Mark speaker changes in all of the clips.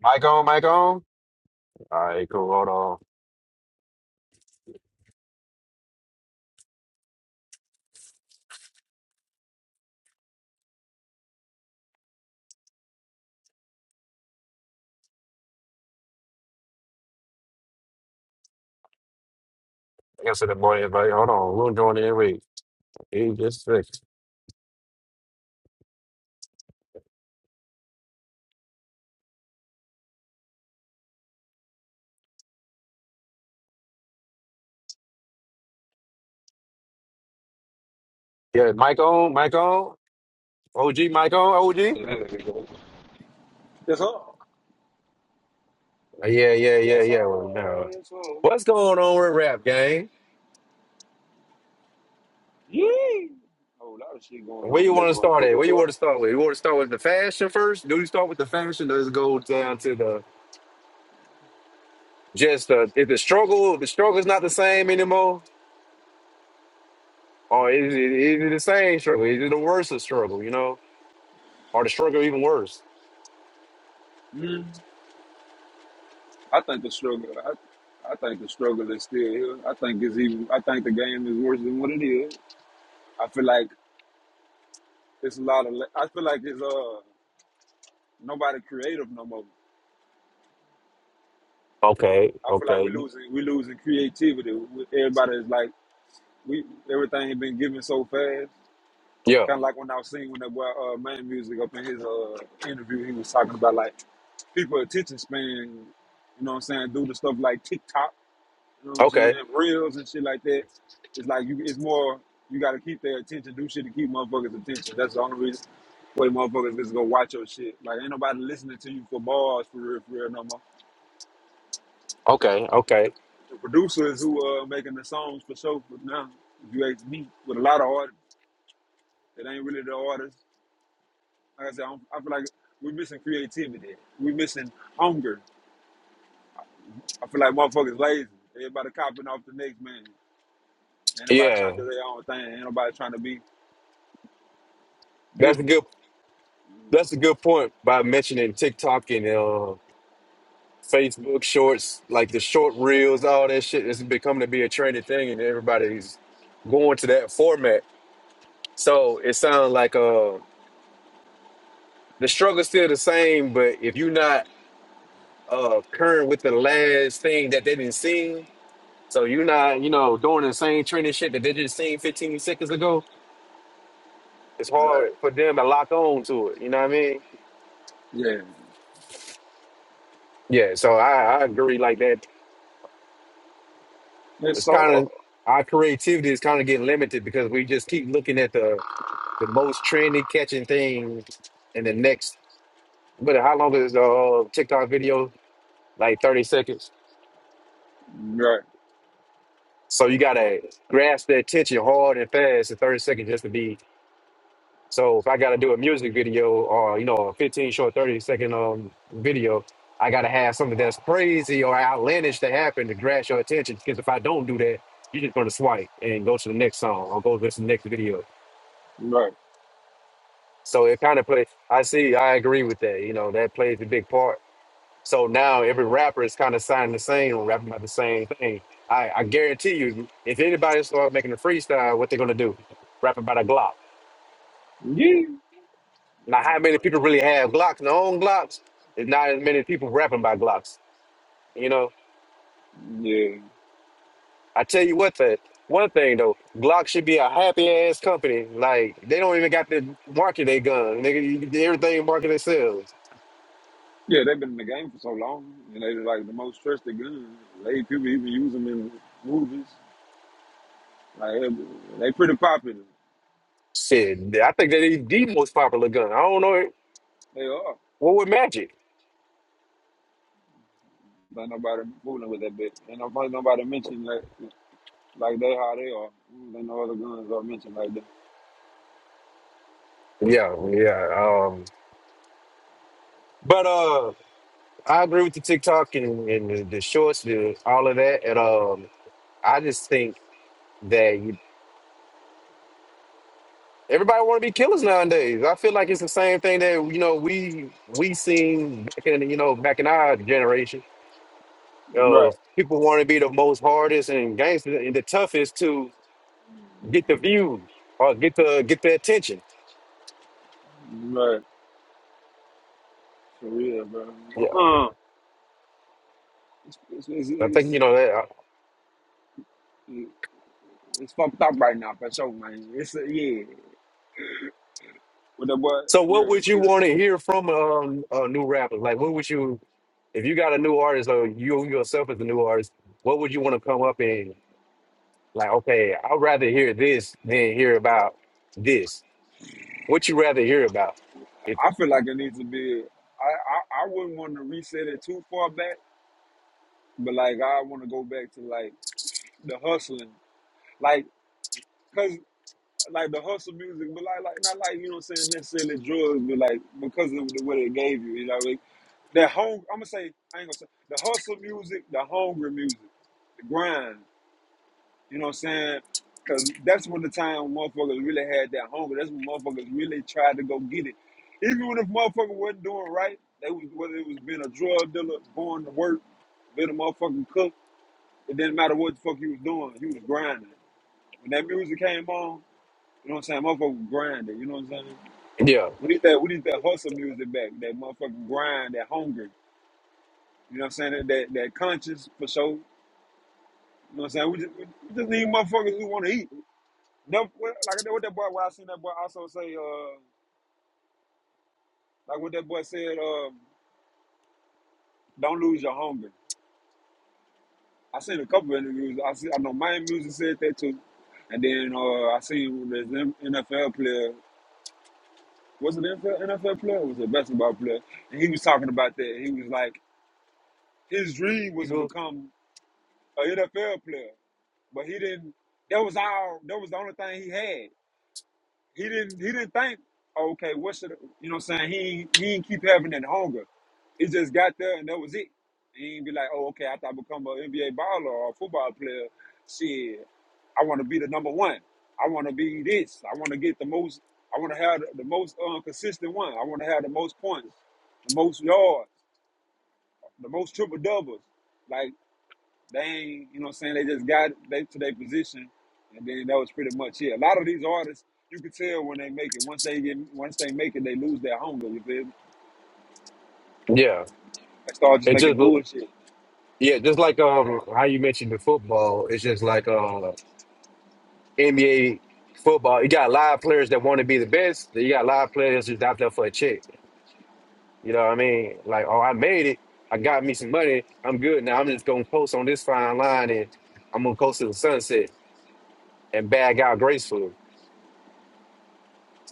Speaker 1: Mic on, mic on. All right, cool. Hold on. I guess in the boy invite. Hold on. We'll join in. Wait. He just fixed. Yeah, mic on, mic on. OG, mic on, OG.
Speaker 2: There we go. Yes, sir.
Speaker 1: Yeah, yeah, yeah,
Speaker 2: Yes, sir.
Speaker 1: yeah. Well, now,
Speaker 2: Yes, sir.
Speaker 1: What's going on with rap, gang?
Speaker 2: Yeah. Whole lot of shit going
Speaker 1: Where
Speaker 2: on
Speaker 1: you
Speaker 2: with
Speaker 1: want
Speaker 2: that
Speaker 1: to start at?
Speaker 2: motherfucker,
Speaker 1: Where you
Speaker 2: boy.
Speaker 1: want to start with? You want to start with the fashion first? Do you start with the fashion? Does it go down to the just the if the struggle? The struggle is not the same anymore, or is it, is it the same struggle? Is it the worse of struggle? You know, or the struggle even worse?
Speaker 2: Mm. I think the struggle. I, I think the struggle is still here. I think it's even. I think the game is worse than what it is. I feel like it's a lot of. la- I feel like it's uh nobody creative no more.
Speaker 1: Okay,
Speaker 2: I feel like we
Speaker 1: okay,
Speaker 2: losing. we losing creativity. We- Everybody is like we. Everything has been given so fast.
Speaker 1: yeah,
Speaker 2: Kind of like when I was singing when that boy uh, man music up in his uh interview, he was talking about like people attention span, you know what I'm saying, due to stuff like TikTok, you know what I'm saying,
Speaker 1: okay.
Speaker 2: reels and shit like that. It's like you it's more you gotta keep their attention, do shit to keep motherfuckers' attention. That's the only reason why motherfuckers just go watch your shit. Like ain't nobody listening to you for bars for real for real no more.
Speaker 1: Okay, okay.
Speaker 2: The producers who are uh making the songs for show for now, if you ask me, with a lot of artists that ain't really the artists. Like I said, I, do I feel like we're missing creativity. We're missing hunger. I feel like motherfuckers lazy. Everybody copying off the next man. Ain't nobody
Speaker 1: Yeah.
Speaker 2: trying to do their own thing. Ain't nobody trying to be
Speaker 1: That's a
Speaker 2: different.
Speaker 1: good that's a good point by mentioning TikTok and uh Facebook shorts, like the short reels, all that shit is becoming to be a trendy thing and everybody's going to that format. So it sounds like uh the struggle's still the same, but if you're not uh current with the last thing that they didn't see, so you're not, you know, doing the same trendy shit that they just seen 15 seconds ago, it's
Speaker 2: Right.
Speaker 1: hard for them to lock on to it. You know what I mean?
Speaker 2: Yeah.
Speaker 1: Yeah, so I, I agree like that
Speaker 2: It's
Speaker 1: it's
Speaker 2: so
Speaker 1: kind
Speaker 2: hard.
Speaker 1: of our creativity is kind of getting limited because we just keep looking at the the most trendy catching thing in the next. But how long is the uh, TikTok video? Like thirty seconds.
Speaker 2: Right.
Speaker 1: So you gotta grasp their attention hard and fast in thirty seconds just to be. So if I gotta do a music video or you know a fifteen short thirty second um video, I gotta have something that's crazy or outlandish to happen to grasp your attention. Because if I don't do that, you're just gonna swipe and go to the next song or go to the next video.
Speaker 2: Right.
Speaker 1: So it kind of plays. I see. I agree with that. You know, that plays a big part. So now every rapper is kind of signing the same or rapping about the same thing. I, I guarantee you, if anybody start making a freestyle, what they're gonna do? Rap about a Glock.
Speaker 2: Yeah.
Speaker 1: Now,
Speaker 2: No,
Speaker 1: how many people really have Glocks? Their own Glocks. There's Not as many people rapping about Glocks. You know,
Speaker 2: Yeah.
Speaker 1: I tell you what, that one thing though, Glock should be a happy ass company. Like they don't even got to market their gun. They everything market themselves.
Speaker 2: Yeah, they've been in the game for so long, and they like the most trusted gun. They people even use them in movies. Like they they pretty popular.
Speaker 1: Shit, I think that is the most popular gun. I don't know it-
Speaker 2: They are.
Speaker 1: what with Magic.
Speaker 2: But nobody fooling with that bit. And nobody nobody mentioned like like they how they are. Then no other guns are mentioned like that.
Speaker 1: Yeah, yeah. Um, but uh, I agree with the TikTok and, and the, the shorts, the all of that. And um, I just think that you, everybody want to be killers nowadays. I feel like it's the same thing that you know we we seen back in you know back in our generation. Uh,
Speaker 2: Right.
Speaker 1: people want to be the most hardest and gangster and the toughest to get the view or get the get the attention.
Speaker 2: Right. For real, bro.
Speaker 1: Yeah,
Speaker 2: Uh, it's, it's,
Speaker 1: I think
Speaker 2: it's,
Speaker 1: you know that.
Speaker 2: it's, It's fucked up right now for sure, man. It's a, yeah. With the boy,
Speaker 1: So what
Speaker 2: yeah.
Speaker 1: would
Speaker 2: what do
Speaker 1: you
Speaker 2: you-
Speaker 1: want to hear from um, a new rapper? Like, what would you, if you got a new artist or you yourself as a new artist, what would you want to come up and like? Okay, I'd rather hear this than hear about this. What you rather hear about? It,
Speaker 2: I feel like it needs to be. I, I I wouldn't want to reset it too far back, but like I want to go back to like the hustling, like cause like the hustle music, but like like not like you know what I'm saying necessarily drugs, but like because of the way they gave you, you know, like that home. I'm gonna say I ain't gonna say the hustle music, the hungry music, the grind. You know what I'm saying? Cause that's when the time motherfuckers really had that hunger. That's when motherfuckers really tried to go get it. Even when if motherfucker wasn't doing right, they was whether it was being a drug dealer, going to work, being a motherfucking cook, it didn't matter what the fuck he was doing, he was grinding. When that music came on, you know what I'm saying, motherfucker was grinding, you know what I'm saying?
Speaker 1: yeah,
Speaker 2: We need that we need that hustle music back, that motherfucking grind, that hunger, you know what I'm saying, that that, that conscience for sure. You know what I'm saying? We just, we just need motherfuckers who wanna eat. Them, well, like what that boy, what I seen that boy also say, uh, like what that boy said, uh, don't lose your hunger. I seen a couple of interviews. I see, I know my music said that too, and then uh, I seen this M- NFL player. Was it NFL, NFL player? Or was it a basketball player? And he was talking about that. He was like, his dream was to
Speaker 1: People-
Speaker 2: become an NFL player, but he didn't. That was all. That was the only thing he had. He didn't he didn't think, okay, what should you know what I'm saying? He ain't- he didn't keep having that hunger. He just got there and that was it. He ain't be like, oh, okay, after I become an NBA baller or a football player, shit, I want to be the number one. I want to be this. I want to get the most. I want to have the, the most uh, consistent one. I want to have the most points, the most yards, the most triple doubles. like." They ain't, you know what I'm saying, they just got they to their position and then that was pretty much it. A lot of these artists, you could tell when they make it. Once they get once they make it, they lose their hunger, you feel me?
Speaker 1: yeah.
Speaker 2: They start just
Speaker 1: It just
Speaker 2: making bullshit.
Speaker 1: yeah, just like um how you mentioned the football. It's just like uh NBA football. You got live players that want to be the best. then You got live players just out there for a check. You know what I mean? Like, oh, I made it. I got me some money. I'm good now. I'm just gonna post on this fine line and I'm gonna coast to the sunset and bag out gracefully.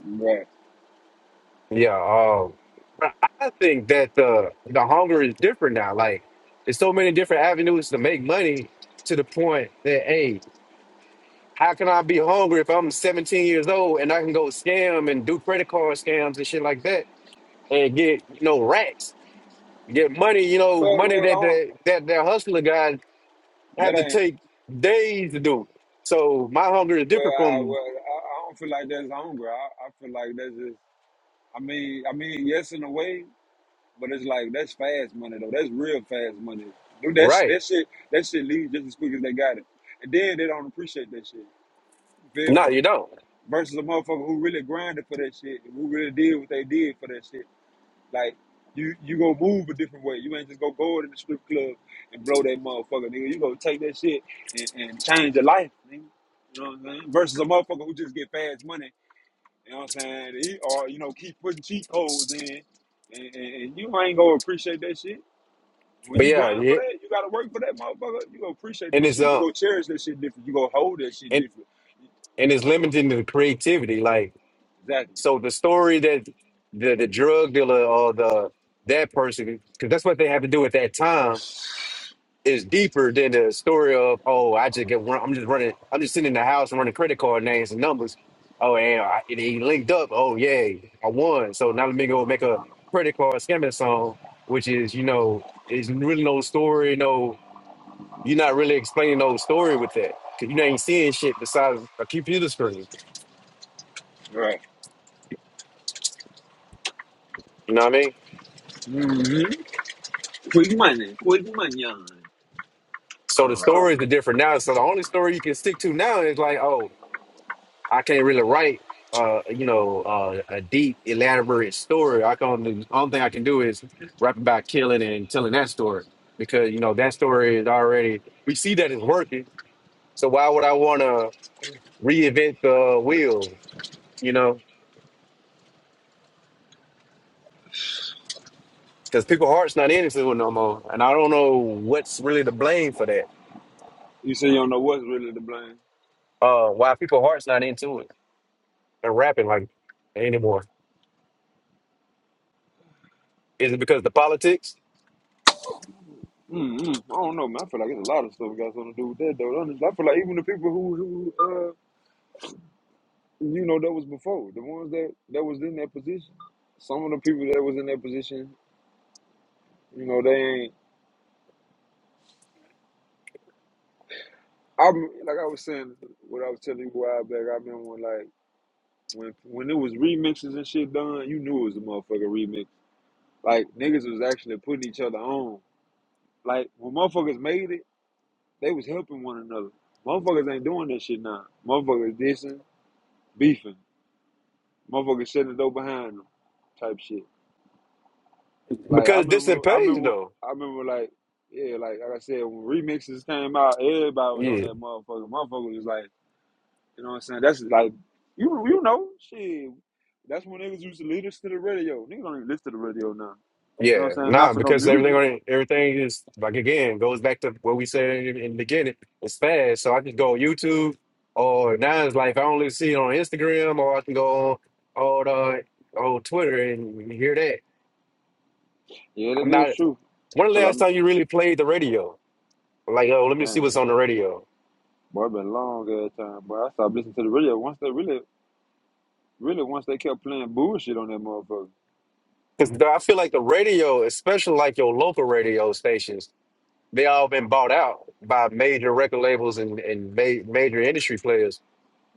Speaker 2: Right.
Speaker 1: Yeah. Um, but I think that the the hunger is different now. Like, there's so many different avenues to make money to the point that hey, how can I be hungry if I'm 17 years old and I can go scam and do credit card scams and shit like that and get you know racks, get money, you know,
Speaker 2: Well
Speaker 1: money
Speaker 2: well I
Speaker 1: that
Speaker 2: don't,
Speaker 1: the that that hustler got I
Speaker 2: that
Speaker 1: had to
Speaker 2: ain't
Speaker 1: take days to do it. So my hunger is
Speaker 2: well
Speaker 1: different
Speaker 2: I
Speaker 1: from
Speaker 2: well I, I don't feel like that's hunger. I, I feel like that's just I mean I mean yes in a way, but it's like that's fast money though. That's real fast money. Dude, that sh-
Speaker 1: right.
Speaker 2: that shit that shit leaves just as quick as they got it. And then they don't appreciate that shit. You feel me?
Speaker 1: No, you don't.
Speaker 2: versus a motherfucker who really grinded for that shit, who really did what they did for that shit. Like you, you gonna move a different way. You ain't just gonna go in the strip club and blow that motherfucker, nigga. You gonna take that shit and, and change your life, nigga. You know what I'm saying? Versus a motherfucker who just get fast money. You know what I'm saying? He, or you know, keep putting cheat codes in, and, and, and you ain't gonna appreciate that shit. When
Speaker 1: But
Speaker 2: you
Speaker 1: yeah,
Speaker 2: grind for
Speaker 1: yeah.
Speaker 2: that, you gotta work for that motherfucker. You gonna appreciate
Speaker 1: and
Speaker 2: that
Speaker 1: it's
Speaker 2: shit. You
Speaker 1: uh
Speaker 2: gonna cherish that shit different. You gonna hold that shit
Speaker 1: and
Speaker 2: different.
Speaker 1: and it's limiting the creativity. Like
Speaker 2: Exactly.
Speaker 1: so, the story that the the drug dealer or the that person because that's what they have to do at that time is deeper than the story of oh I just get run, I'm just running I'm just sitting in the house and running credit card names and numbers. Oh and, I, and he linked up. Oh yay I won. So now let me go make a credit card scamming song, which is you know is really no story. No, you're not really explaining no story with that because you ain't seeing shit besides a computer screen.
Speaker 2: Right.
Speaker 1: You know what I mean?
Speaker 2: hmm Quick money, quick money. on.
Speaker 1: So the
Speaker 2: Oh,
Speaker 1: stories are different now. So the only story you can stick to now is like oh I can't really write, uh, you know, uh, a deep, elaborate story. I can only, only thing I can do is rap about killing and telling that story because you know that story is already we see that it's working. So why would I want to reinvent the wheel? You know, because people hearts not into it no more, and I don't know what's really the blame for that.
Speaker 2: You say you don't know what's really to blame.
Speaker 1: Uh, why people hearts not into it and rapping like anymore? Is it because the politics?
Speaker 2: Mm-hmm. I don't know, man. I feel like it's a lot of stuff got something to do with that, though. Honestly, I feel like even the people who, who uh, you know, that was before, the ones that that was in that position. Some of the people that was in that position, you know, they ain't. I'm like I was saying, what I was telling you a while back. I remember when, like when when it was remixes and shit done, you knew it was a motherfucking remix. Like niggas was actually putting each other on. Like when motherfuckers made it. They was helping one another. Motherfuckers ain't doing that shit now. Motherfuckers dissing, beefing. Motherfuckers shutting the door behind them, type shit. Like I
Speaker 1: Because this
Speaker 2: remember,
Speaker 1: ain't
Speaker 2: I
Speaker 1: pays
Speaker 2: remember,
Speaker 1: though.
Speaker 2: I remember. Like yeah, like like I said, when remixes came out, everybody was on
Speaker 1: Yeah.
Speaker 2: that motherfucker. Motherfucker was like, you know what I'm saying? That's like, you you know, shit. That's when niggas used to lead us to the radio. Niggas don't even listen to the radio now. You know what I'm
Speaker 1: Yeah,
Speaker 2: saying? Not
Speaker 1: nah,
Speaker 2: for no
Speaker 1: because everything
Speaker 2: music.
Speaker 1: on everything is like again goes back to what we said in, in the beginning. It's fast, so I can go on YouTube or now it's like I only see it on Instagram or I can go on on uh, on Twitter and hear that.
Speaker 2: Yeah,
Speaker 1: I'm
Speaker 2: that is
Speaker 1: not.
Speaker 2: true.
Speaker 1: When the
Speaker 2: Cause
Speaker 1: last
Speaker 2: I'm
Speaker 1: time you really played the radio? Like, oh, let me see
Speaker 2: man,
Speaker 1: what's on the radio
Speaker 2: boy, been a long ass time. But I stopped listening to the radio once the really. Really, once they kept playing bullshit on that motherfucker.
Speaker 1: because I feel like the radio, especially like your local radio stations, they all been bought out by major record labels and and ma- major industry players.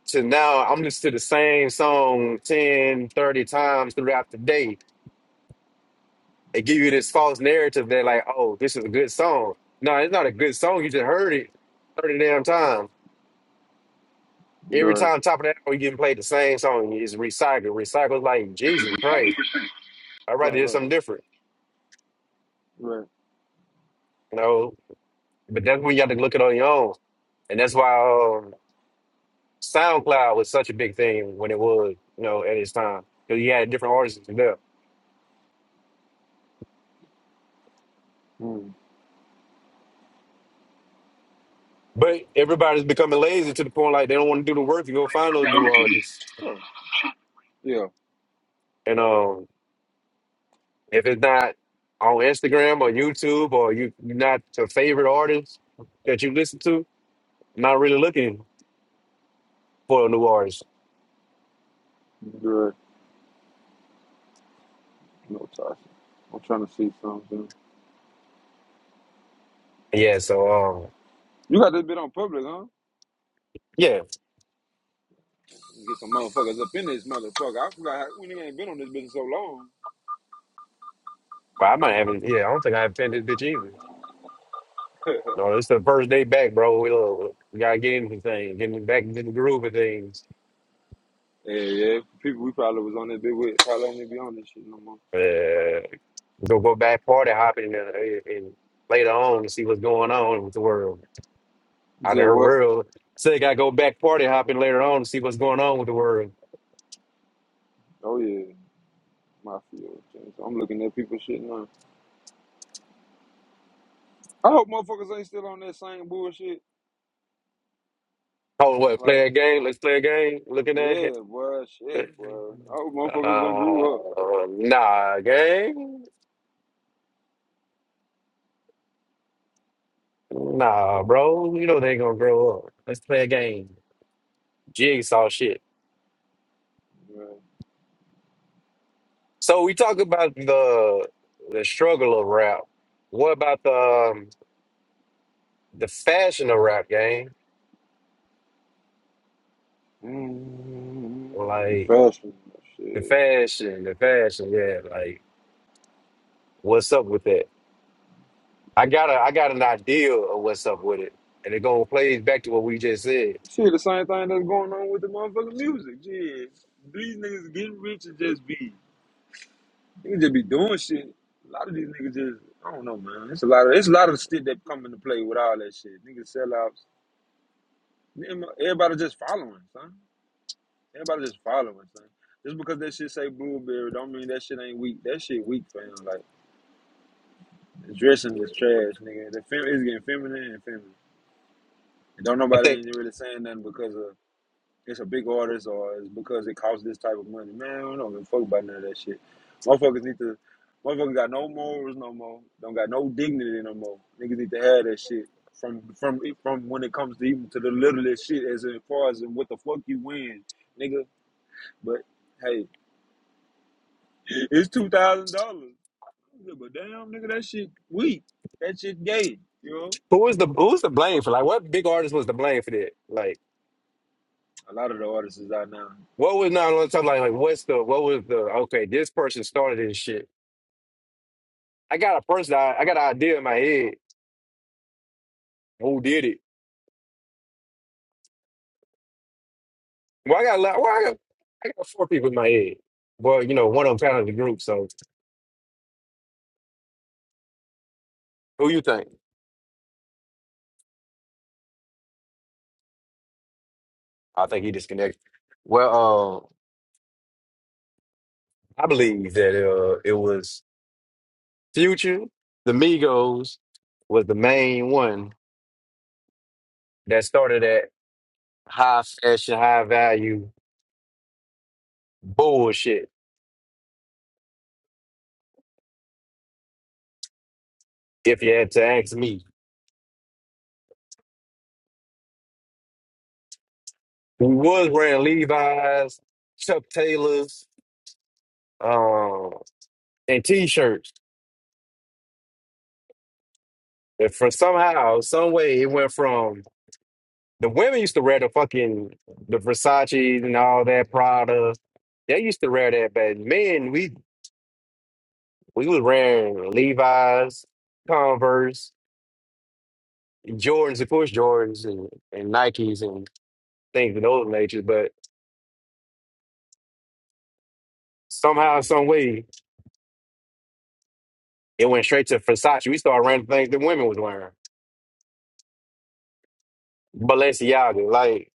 Speaker 1: So now I'm listening to the same song 10, 30 times throughout the day. It give you this false narrative that like, oh, this is a good song. No, it's not a good song. You just heard it 30 damn times. Every
Speaker 2: Right.
Speaker 1: time top of that hour, you getting played the same song. It's recycled. Recycled like Jesus Christ. I'd
Speaker 2: Right,
Speaker 1: rather hear
Speaker 2: right,
Speaker 1: something different.
Speaker 2: right.
Speaker 1: You know, but that's when you have to look it on your own. And that's why um, SoundCloud was such a big thing when it was, you know, at its time. Because you had different artists there.
Speaker 2: Mm.
Speaker 1: But everybody's becoming lazy to the point like they don't want to do the work to go find those new artists.
Speaker 2: Yeah, yeah.
Speaker 1: And um, if it's not on Instagram or YouTube or you you're not your favorite artist that you listen to, not really looking for a new artist.
Speaker 2: right. No Tasha. I'm trying to see something.
Speaker 1: Yeah, so um,
Speaker 2: You got this bit on public, huh?
Speaker 1: yeah,
Speaker 2: Get some motherfuckers up in this motherfucker. I forgot how, we ain't been on this bitch in so long.
Speaker 1: but I might haven't. Yeah, I don't think I have pinned this bitch either. No, it's the first day back, bro. We, uh, we gotta get into things, getting back into the groove of things.
Speaker 2: yeah, yeah. People we probably was on that bit with probably don't even be on this shit no more.
Speaker 1: Uh, go go back party hopping and, and later on to see what's going on with the world.
Speaker 2: You
Speaker 1: out of
Speaker 2: said
Speaker 1: her
Speaker 2: what?
Speaker 1: world. So they gotta go back party hopping later on to see what's going on with the world.
Speaker 2: Oh yeah, mafia. shit. So I'm looking at people shit now. I hope motherfuckers ain't still on that same bullshit.
Speaker 1: Oh, what?
Speaker 2: Like,
Speaker 1: Play a game? Let's play a game. Looking at it.
Speaker 2: yeah, boy, shit, boy. I hope motherfuckers done grew up.
Speaker 1: Uh, nah, gang. Nah, bro. You know they ain't gonna grow up. Let's play a game. Jigsaw shit. So we talk about the the struggle of rap. What about the um, the fashion of rap, gang?
Speaker 2: Mm,
Speaker 1: Like
Speaker 2: Fashion,
Speaker 1: the
Speaker 2: shit.
Speaker 1: fashion, the fashion. Yeah, like what's up with that? I got a I got an idea of what's up with it, and it going plays back to what we just said.
Speaker 2: Shit, the same thing that's going on with the motherfucking music. Shit. These niggas getting rich and just be, niggas just be doing shit. A lot of these niggas just, I don't know, man. It's a lot of, it's a lot of shit that come into play with all that shit. Niggas sellouts. Nigga, Everybody just following, son. Everybody just following, son. Just because that shit say blueberry, don't mean that shit ain't weak. That shit weak, fam. Like, the dressing is trash, nigga. The fem- it's getting feminine and feminine. And don't
Speaker 1: I
Speaker 2: nobody
Speaker 1: think
Speaker 2: ain't really saying nothing because of it's a big artist or it's because it costs this type of money. Man, I don't give a fuck about none of that shit. Motherfuckers need to, motherfuckers got no morals no more. Don't got no dignity no more. Niggas need to have that shit from from from when it comes to even to the littlest shit as far as what the fuck you win, nigga. But hey, it's two thousand dollars. But damn, nigga, that shit weak. That shit gay. You know,
Speaker 1: who was the who's the blame for like what big artist was the blame for that? Like
Speaker 2: a lot of the artists is out now.
Speaker 1: what was not on time? like like what's the what was the okay this person started this shit. I got a person I, I got an idea in my head who did it. Well, I got a lot. Well, I got I got four people in my head. Well, you know one of them kind of the group. So who you think? I think he disconnected. Well, um, I believe that uh, it was. Future, the Migos was the main one that started that high fashion, high value bullshit. If you had to ask me, we was wearing Levi's, Chuck Taylors, um, and t-shirts. And for somehow, some way, it went from the women used to wear the fucking the Versace and all that Prada. They used to wear that, but men, we we was wearing Levi's, Converse. Jordans, of course, Jordans and, and Nikes and things of those nature. But somehow, some way, it went straight to Versace. We started wearing things that women was wearing. Balenciaga, like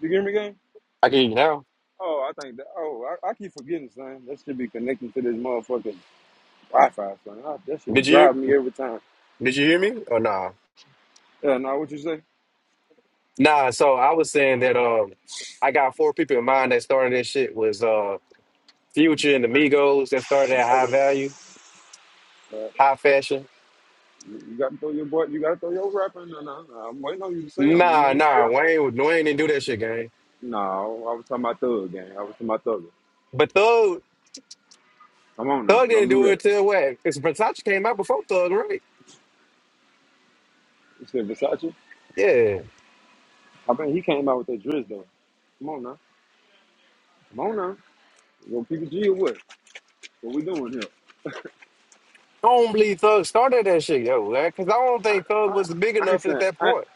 Speaker 2: You hear me, gang?
Speaker 1: I can hear you now.
Speaker 2: Oh, I think that. Oh, I, I keep forgetting, son. That should be connecting to this motherfucking. Wi-Fi, son. Ah, That should be
Speaker 1: Did you
Speaker 2: driving me every time.
Speaker 1: did you hear me or nah?
Speaker 2: Yeah, now what you say?
Speaker 1: Nah. So I was saying that um, I got four people in mind that started this shit was uh Future and the Migos that started at
Speaker 2: How you
Speaker 1: high
Speaker 2: doing?
Speaker 1: value,
Speaker 2: Uh,
Speaker 1: high fashion.
Speaker 2: you you gotta throw your boy. You gotta throw your rapper. No, no, no. I'm waiting on you to say 'em. You
Speaker 1: Nah,
Speaker 2: ain't said
Speaker 1: nah,
Speaker 2: 'em,
Speaker 1: Wayne, was- Wayne didn't do that shit, gang.
Speaker 2: man. No, I was talking about Thug Gang. I was talking about Thugger.
Speaker 1: But Thug,
Speaker 2: Come on now,
Speaker 1: Thug
Speaker 2: don't
Speaker 1: didn't
Speaker 2: do
Speaker 1: do it
Speaker 2: that.
Speaker 1: till what? Because Versace came out before Thug, right?
Speaker 2: You said Versace.
Speaker 1: Yeah,
Speaker 2: I mean, he came out with that drizz though. Come on now, come on now. You gonna PPG or what? What we doing here?
Speaker 1: I don't believe Thug started that shit, yo, because I don't
Speaker 2: I,
Speaker 1: think Thug
Speaker 2: I,
Speaker 1: was big
Speaker 2: I ain't
Speaker 1: enough at
Speaker 2: saying.
Speaker 1: that
Speaker 2: I,
Speaker 1: point.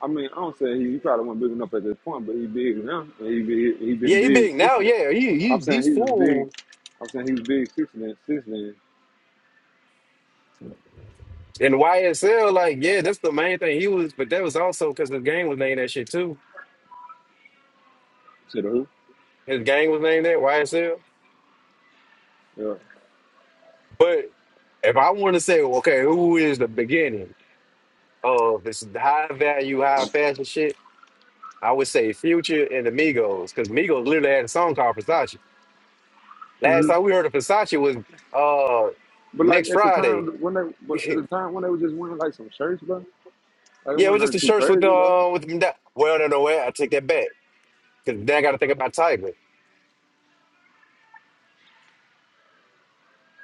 Speaker 2: I mean, I don't say he, he probably wasn't big enough at this point, but he big now. And he, be, he been
Speaker 1: Yeah, he
Speaker 2: big
Speaker 1: big
Speaker 2: since
Speaker 1: now.
Speaker 2: then.
Speaker 1: Yeah, he,
Speaker 2: I'm
Speaker 1: he
Speaker 2: saying
Speaker 1: he's
Speaker 2: he was big.
Speaker 1: full
Speaker 2: I'm saying he was big since then. Since then,
Speaker 1: in YSL. Like, yeah, that's the main thing he was. But that was also because his gang was named that shit too.
Speaker 2: Said who?
Speaker 1: His gang was named that YSL.
Speaker 2: yeah.
Speaker 1: But if I want to say, okay, who is the beginning of this high value, high fashion shit? I would say Future and the Migos, because Migos literally had a song called Versace. Last
Speaker 2: hmm
Speaker 1: time we heard of Versace was uh
Speaker 2: But like
Speaker 1: next
Speaker 2: at the time
Speaker 1: Friday.
Speaker 2: when they, but at the time when they was just wearing like some shirts, bro. Like it
Speaker 1: Yeah, it
Speaker 2: wasn't
Speaker 1: was just
Speaker 2: nothing
Speaker 1: the
Speaker 2: too
Speaker 1: shirts with
Speaker 2: crazy though.
Speaker 1: uh with them down. Well, no, no, way. I take that back because then I got to think about Tiger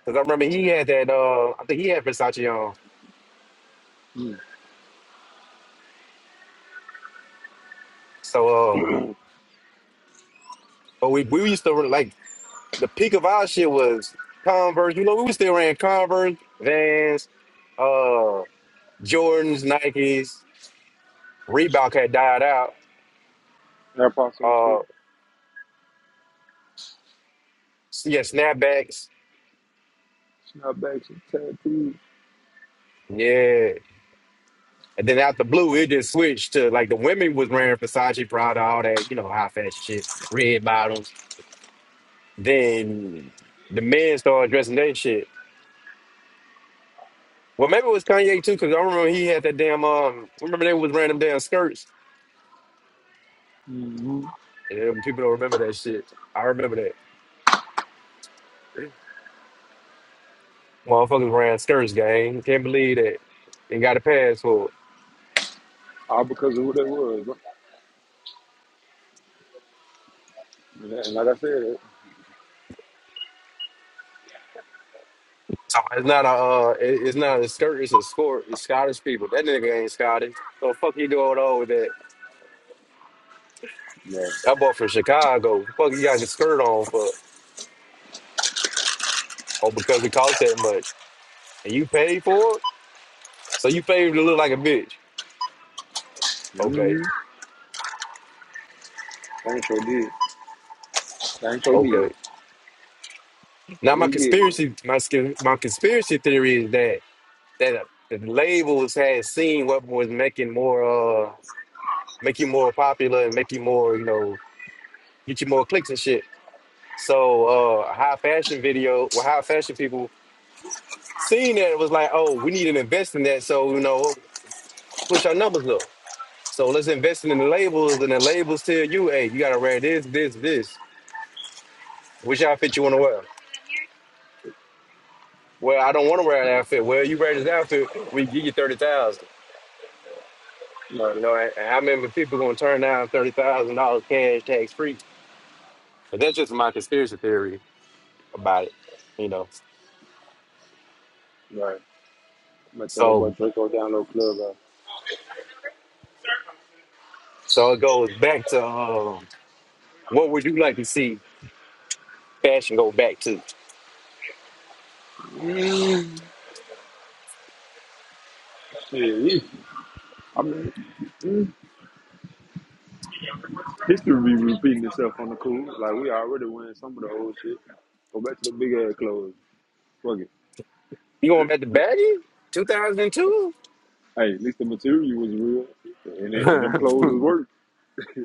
Speaker 1: because I remember he had that. Uh, I think he had Versace on.
Speaker 2: Mm.
Speaker 1: So, uh, but we we used to like the peak of our shit was Converse. You know, we was still wearing Converse, Vans, uh, Jordans, Nikes. Reebok had died out.
Speaker 2: Air Force and
Speaker 1: Uh,
Speaker 2: shit,
Speaker 1: yeah, snapbacks.
Speaker 2: snapbacks and tattoos,
Speaker 1: Yeah. And then out the blue, it just switched to like the women was wearing Versace, Prada, all that, you know, high fashion shit, red bottoms. Then the men started addressing that shit. Well, maybe it was Kanye too, because I remember he had that damn um. I remember they was wearing them damn skirts,
Speaker 2: hmm
Speaker 1: and people don't remember that shit. I remember that motherfuckers wearing skirts, gang. Can't believe that and got a pass for it.
Speaker 2: all because of who they was. Bro. And that- and like I said,
Speaker 1: So It's not a uh, it- it's not a skirt. It's a sport. It's Scottish people. That nigga ain't Scottish. So fuck he doing all with that.
Speaker 2: yeah.
Speaker 1: That boy from Chicago. Fuck you got the skirt on for? Oh, because it cost that much, and you paid for it. So you paid to look like a bitch. Okay.
Speaker 2: Mm-hmm. Thanks for did. Thanks for did.
Speaker 1: Okay.
Speaker 2: But
Speaker 1: Now my
Speaker 2: we did, man.
Speaker 1: conspiracy, my sca- my conspiracy theory is that that the labels had seen what was making more uh make you more popular and make you more you know get you more clicks and shit. So uh high fashion video, well high fashion people seen that it was like, oh, we need to invest in that. So you know push our numbers up. So let's invest in the labels, and the labels tell you, hey, you gotta wear this, this, this. Which outfit you want to wear? Well, I don't want to wear an outfit. Well, you wear this outfit, we give you thirty thousand.
Speaker 2: Right.
Speaker 1: You know, and and how many people gonna turn down thirty thousand dollars cash tax free? But that's just my conspiracy theory about it. You know,
Speaker 2: Right. I'm gonna tell that boy
Speaker 1: so
Speaker 2: Draco down low club. uh,
Speaker 1: so it goes back to um, what would you like to see fashion go back to?
Speaker 2: Shit. I mean, History be repeating itself on the cool. Like we already win some of the old shit. Go back to the big ass clothes. Fuck it.
Speaker 1: You going back to baggy two thousand and two?
Speaker 2: Hey, at least the material was real, and it, and them clothes was work.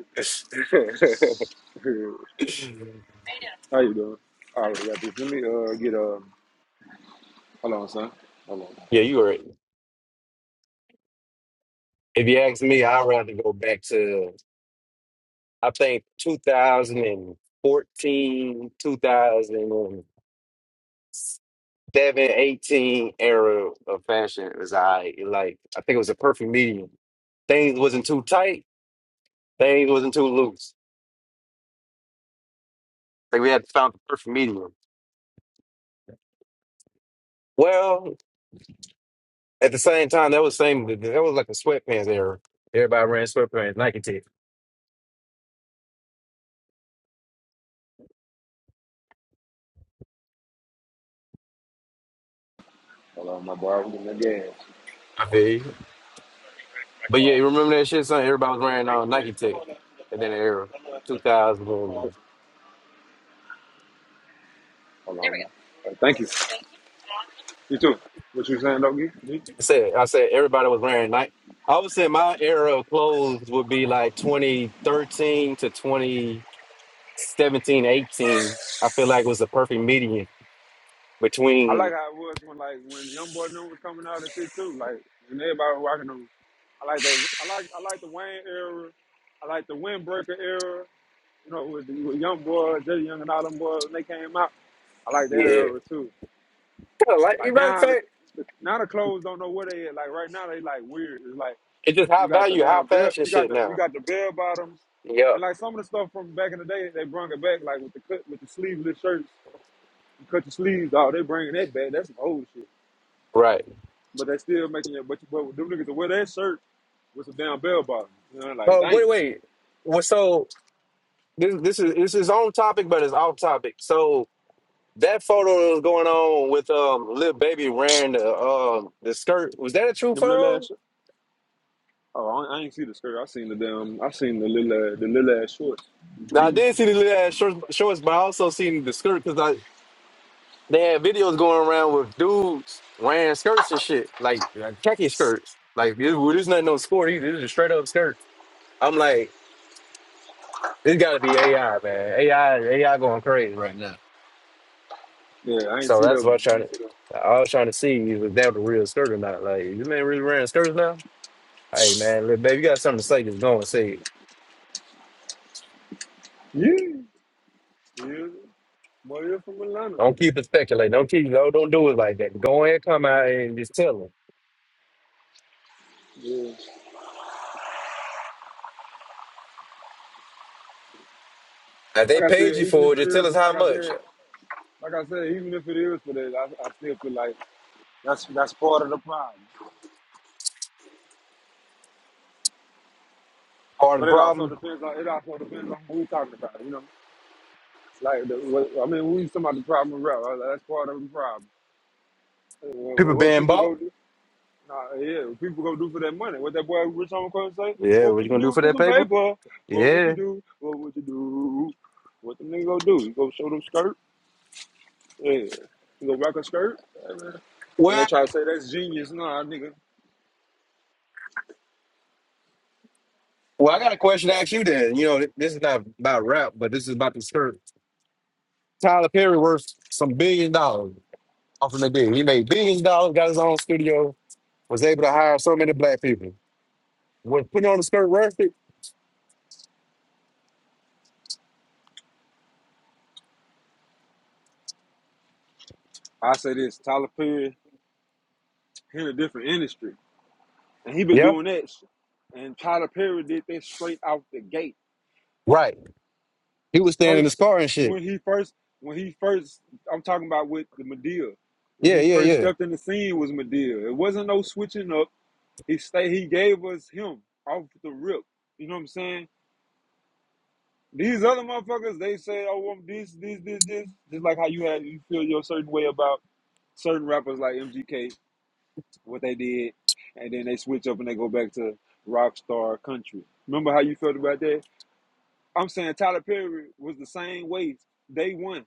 Speaker 2: How you doing? All right, got this. Let me uh get uh. Hold on, son. Hold on.
Speaker 1: Yeah, you were. If you ask me, I'd rather go back to I think two thousand and fourteen, two thousand. seven, eighteen era of fashion was I like I think it was a perfect medium. Things wasn't too tight, things wasn't too loose. Like we had found the perfect medium. Well, at the same time, that was same that was like a sweatpants era. Everybody ran sweatpants, Nike Tech.
Speaker 2: Hold on, my boy. I'm getting the gas.
Speaker 1: I feel you. But yeah, you remember that shit, son? Everybody was wearing uh, Nike Tech and then the era. Two thousand
Speaker 2: Hold on. There we go. Uh, thank you. You too. What you saying, doggy? G?
Speaker 1: I said I said everybody was wearing Nike I would say my era of clothes would be like twenty thirteen to twenty. 17, 18. I feel like it was the perfect median
Speaker 2: I like
Speaker 1: between,
Speaker 2: how it was when like when Young Boy New was coming out and shit too. Like and everybody was rocking them. I like the I like I like the Wayne era. I like the Windbreaker era. You know, with the with young boy, Jay Young and all them boys when they came out, I like that
Speaker 1: yeah.
Speaker 2: era too.
Speaker 1: kind of like, you
Speaker 2: Like
Speaker 1: matter of
Speaker 2: now, the,
Speaker 1: fact,
Speaker 2: the, now the clothes don't know where they at. Like right now, they like weird. It's like
Speaker 1: it's just high
Speaker 2: you got the
Speaker 1: value, high
Speaker 2: down belt,
Speaker 1: fashion
Speaker 2: you got
Speaker 1: shit
Speaker 2: the you
Speaker 1: now.
Speaker 2: got the bell bottoms,
Speaker 1: Yeah.
Speaker 2: and like some of the stuff from back in the day, they brung it back. Like with the cut with the sleeveless shirts, you cut the sleeves off. They bringing that back. That's some old shit.
Speaker 1: Right.
Speaker 2: But they still making it. But you- but them niggas will wear that shirt with some damn bell bottoms. You know, like
Speaker 1: Uh,
Speaker 2: damn,
Speaker 1: wait, wait. Well, so this this is this is on topic, but it's off topic. So that photo that was going on with um little baby wearing the um the skirt was that a true
Speaker 2: them little
Speaker 1: photo?
Speaker 2: ass. Oh, I, I ain't see the skirt. I seen the damn. I seen the little uh, the little ass shorts.
Speaker 1: Now I
Speaker 2: jeans.
Speaker 1: did see the little ass shorts, shorts, but I also seen the skirt because They had videos going around with dudes wearing skirts and shit, like, like khaki skirts. Like, this- well, there's nothing on score either. This is a straight up skirt. I'm like, this got to be AI, man. AI, AI going crazy right now.
Speaker 2: Yeah, I ain't
Speaker 1: So
Speaker 2: see
Speaker 1: that's what I'm
Speaker 2: them. I
Speaker 1: trying to.
Speaker 2: ain't see them.
Speaker 1: I was trying to see if that was a real skirt or not. Like, this man really wearing skirts now? Hey, man, look, baby, you got something to say? Just go and say it.
Speaker 2: Yeah, yeah. Boy, you're from Atlanta.
Speaker 1: Don't keep it speculating. Don't keep. No, don't do it like that. Go ahead, come out and just tell them.
Speaker 2: Yeah.
Speaker 1: If they
Speaker 2: Like I said,
Speaker 1: paid you
Speaker 2: even if
Speaker 1: for it,
Speaker 2: it
Speaker 1: just tell
Speaker 2: is,
Speaker 1: us how
Speaker 2: like I said,
Speaker 1: much.
Speaker 2: like I said, even if it is for that, I, I still feel like that's that's part of the problem.
Speaker 1: Part of
Speaker 2: But
Speaker 1: the
Speaker 2: it also
Speaker 1: problem,
Speaker 2: depends on it also depends on who we talking about. You know, like the, what, I mean, we talking about the problem of rap. Right? That's part of the problem.
Speaker 1: people
Speaker 2: What, what
Speaker 1: being
Speaker 2: people
Speaker 1: bought.
Speaker 2: go, do. Nah, yeah, people gonna do for that money. What that boy Rich Homie Cohen say?
Speaker 1: Yeah,
Speaker 2: Well, What
Speaker 1: what
Speaker 2: would
Speaker 1: you
Speaker 2: you
Speaker 1: gonna do
Speaker 2: do
Speaker 1: for
Speaker 2: for
Speaker 1: that
Speaker 2: some
Speaker 1: paper?
Speaker 2: paper? What would you
Speaker 1: Yeah.
Speaker 2: do? What would you do? What the nigga gonna do? You gonna show them skirt? Yeah. You gonna rock a skirt? Yeah, man. And they
Speaker 1: Well,
Speaker 2: try to say that's genius. Nah, nigga.
Speaker 1: well, I got a question to ask you then. You know, th- this is not about rap, but this is about the shirt. Tyler Perry worth some billion dollars off of the deal. He made billions of dollars, got his own studio, was able to hire so many black people. Was putting on the skirt worth it?
Speaker 2: I say this, Tyler Perry, he in a different industry. And he been
Speaker 1: Yeah.
Speaker 2: doing that shit. And Tyler Perry did that straight out the gate.
Speaker 1: Right. He was standing in his
Speaker 2: First
Speaker 1: car and shit.
Speaker 2: when he first when he first I'm talking about with the Madea. When
Speaker 1: Yeah,
Speaker 2: he
Speaker 1: yeah,
Speaker 2: first
Speaker 1: yeah.
Speaker 2: stepped in the scene was Madea. It wasn't no switching up. He stay he gave us him off the rip. You know what I'm saying? These other motherfuckers, they say, oh, I'm this, this, this, this. Just like how you had you feel your certain way about certain rappers like MGK, what they did, and then they switch up and they go back to rock star country. Remember how you felt about that? I'm saying Tyler Perry was the same way day one.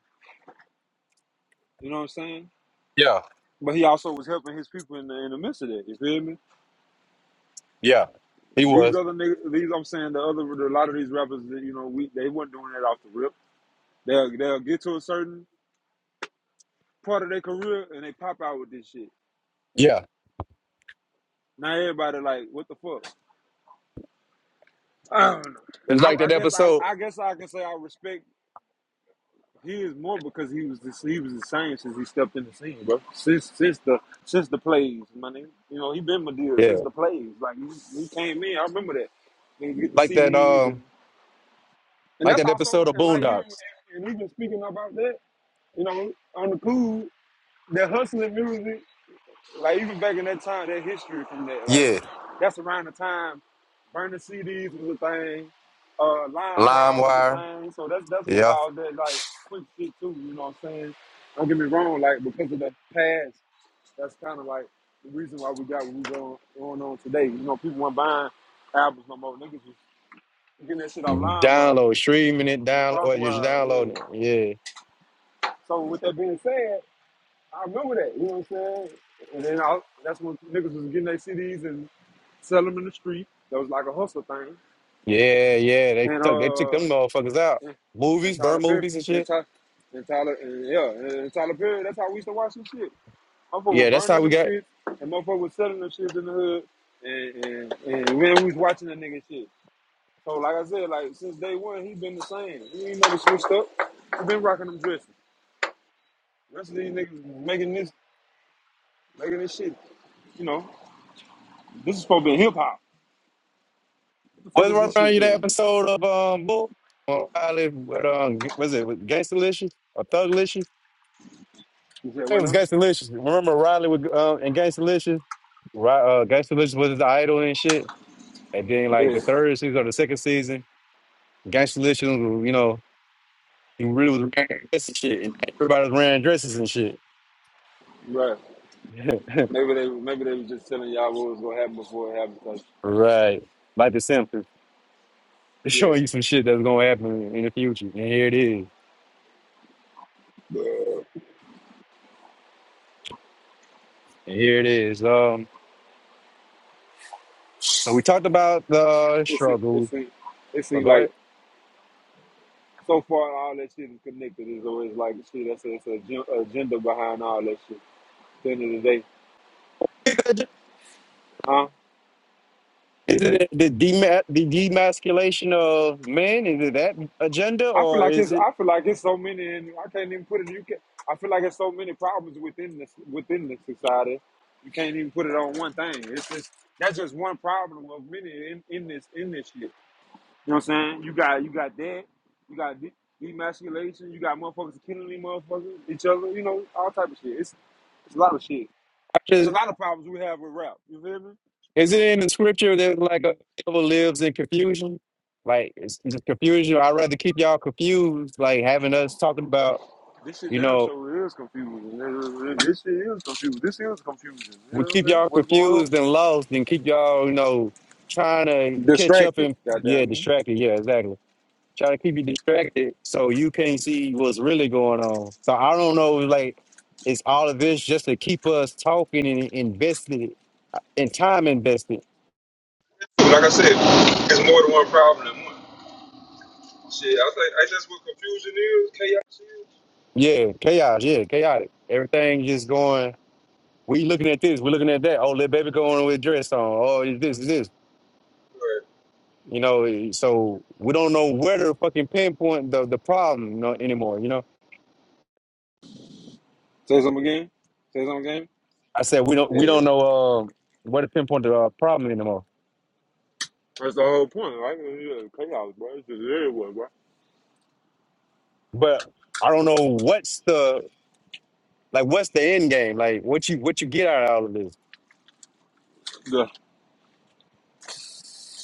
Speaker 2: You know what I'm saying?
Speaker 1: Yeah,
Speaker 2: But he also was helping his people in the, in the midst of that. You feel me?
Speaker 1: yeah. He
Speaker 2: These
Speaker 1: was.
Speaker 2: other niggas, these I'm saying the other, a lot of these rappers, you know, we they weren't doing that off the rip. They'll they'll get to a certain part of their career and they pop out with this shit.
Speaker 1: Yeah.
Speaker 2: Now everybody like, what the fuck? I don't know.
Speaker 1: It's
Speaker 2: I,
Speaker 1: like
Speaker 2: I
Speaker 1: that
Speaker 2: guess I
Speaker 1: episode.
Speaker 2: I guess I can say I respect his more because he was the he was the same since he stepped in the scene, bro. Since since the since the plays, my nigga. You know, he been Medea since
Speaker 1: Yeah.
Speaker 2: the plays. Like he, he came in, I remember that. And get the
Speaker 1: Like that
Speaker 2: CDs and
Speaker 1: um
Speaker 2: and
Speaker 1: like
Speaker 2: that's
Speaker 1: that
Speaker 2: also
Speaker 1: episode of
Speaker 2: and like even
Speaker 1: Boondocks.
Speaker 2: and even speaking about that, you know, on the cool, that hustling music Like even back in that time, that history from that, like
Speaker 1: Yeah.
Speaker 2: that's around the time burning CDs was a thing, uh, Lime Wild was a
Speaker 1: LimeWire.
Speaker 2: thing. So that's that's what caused that like quick shit too. You know what I'm saying? Don't get me wrong, like because of the past, that's kind of like the reason why we got what we going going on today. You know, people weren't buying albums no more. Niggas was getting that shit off
Speaker 1: Mm-hmm.
Speaker 2: LimeWire
Speaker 1: Download, streaming it,
Speaker 2: and
Speaker 1: down
Speaker 2: across
Speaker 1: or just
Speaker 2: wire, yeah.
Speaker 1: downloading it.
Speaker 2: So with that being said, I remember that. You know what I'm saying? And then I, that's when niggas was getting their CDs and sell them in the street. That was like a hustle thing.
Speaker 1: Yeah. Yeah, yeah. They
Speaker 2: And
Speaker 1: took they took
Speaker 2: uh,
Speaker 1: them motherfuckers out.
Speaker 2: and, and
Speaker 1: Movies,
Speaker 2: Tyler
Speaker 1: burn
Speaker 2: Perry,
Speaker 1: movies and
Speaker 2: and,
Speaker 1: shit.
Speaker 2: Ty, and Tyler, and yeah, and, and Tyler Perry. That's how we used to watch some shit. Motherfucker were
Speaker 1: Yeah, that's how
Speaker 2: burning
Speaker 1: we
Speaker 2: them
Speaker 1: got
Speaker 2: shit, and motherfucker was selling them shit in the hood. And and, and man, we was watching that nigga shit. So like I said, like since day one, he been the same. He ain't never switched up. He been rocking them dresses. The Rest of these niggas making this, making this shit. You know, this is supposed to be hip hop. What the fuck
Speaker 1: was not
Speaker 2: is this
Speaker 1: right around
Speaker 2: shit?
Speaker 1: you
Speaker 2: Yeah,
Speaker 1: that
Speaker 2: man.
Speaker 1: episode of um Bull on Riley with um was it with Gangstalicious or Thuglicious?
Speaker 2: You said
Speaker 1: It
Speaker 2: what
Speaker 1: was
Speaker 2: now?
Speaker 1: Gangstalicious. Remember Riley with um and Gangstalicious? Ri- Uh, Gangstalicious was his idol and shit. And then like
Speaker 2: Yeah,
Speaker 1: the third season or the second season, Gangstalicious, you know, he really was wearing dresses and shit, and everybody was wearing dresses and shit.
Speaker 2: right. Maybe they maybe they was just telling y'all what was gonna happen before it happened. Cause
Speaker 1: Right. Like the Simpsons. They're
Speaker 2: yeah,
Speaker 1: showing you some shit that's gonna happen in the future. And here it is. And here it is. Um so we talked about the uh,
Speaker 2: it seems it
Speaker 1: struggle.
Speaker 2: seems it
Speaker 1: But
Speaker 2: seems
Speaker 1: go
Speaker 2: like so far all that shit is connected. It's always like shit. That's that's a gen- agenda behind all that shit. At the end of the day,
Speaker 1: ahead.
Speaker 2: huh?
Speaker 1: Is it the dema- the demasculation of men? Is it that agenda
Speaker 2: I feel
Speaker 1: or
Speaker 2: like
Speaker 1: is
Speaker 2: it's
Speaker 1: it
Speaker 2: I feel like it's so many, and I can't even put it. You can I feel like it's so many problems within this within the society. You can't even put it on one thing. It's just that's just one problem of many in, in this in this shit. You know what I'm saying? You got you got that. You got de- demasculation. You got motherfuckers killing these motherfuckers, each other. You know all type of shit. It's it's a lot of shit.
Speaker 1: I
Speaker 2: There's a
Speaker 1: just
Speaker 2: lot of problems we have with rap. You feel me? You
Speaker 1: is it
Speaker 2: know
Speaker 1: in the scripture that like a devil lives in confusion? Like it's just confusion. I'd rather keep y'all confused, like having us talking about,
Speaker 2: this shit
Speaker 1: you
Speaker 2: damn
Speaker 1: know.
Speaker 2: sure is confusing. nigga. This shit is confusing. This is confusing. You
Speaker 1: we
Speaker 2: know what I'm
Speaker 1: keep
Speaker 2: saying?
Speaker 1: y'all
Speaker 2: What's going
Speaker 1: confused
Speaker 2: on?
Speaker 1: and lost and keep y'all, you know, trying to catch up
Speaker 2: Distracted.
Speaker 1: and yeah,
Speaker 2: Goddamn me.
Speaker 1: distracted. Yeah, exactly. Trying to keep you distracted so you can't see what's really going on. So I don't know, like, is all of this just to keep us talking and invested and time invested?
Speaker 2: like I said, it's more than one problem than one. Shit, I think I that's what confusion is, chaos is.
Speaker 1: Yeah, chaos. Yeah, chaotic. Everything just going. We looking at this. We're looking at that. Oh, little baby going with dress on. Oh, is this is this.
Speaker 2: Or
Speaker 1: You know, so we don't know where to fucking pinpoint the the problem you know, anymore. You know.
Speaker 2: Say something again. Say something again.
Speaker 1: I said we don't
Speaker 2: Yeah.
Speaker 1: we
Speaker 2: Yeah,
Speaker 1: don't know uh, what to pinpoint the uh, problem anymore.
Speaker 2: That's the whole point. right? is chaos, bro. It's just everywhere, bro.
Speaker 1: But I don't know what's the like what's the end game? Like what you what you get out of all of this?
Speaker 2: Yeah.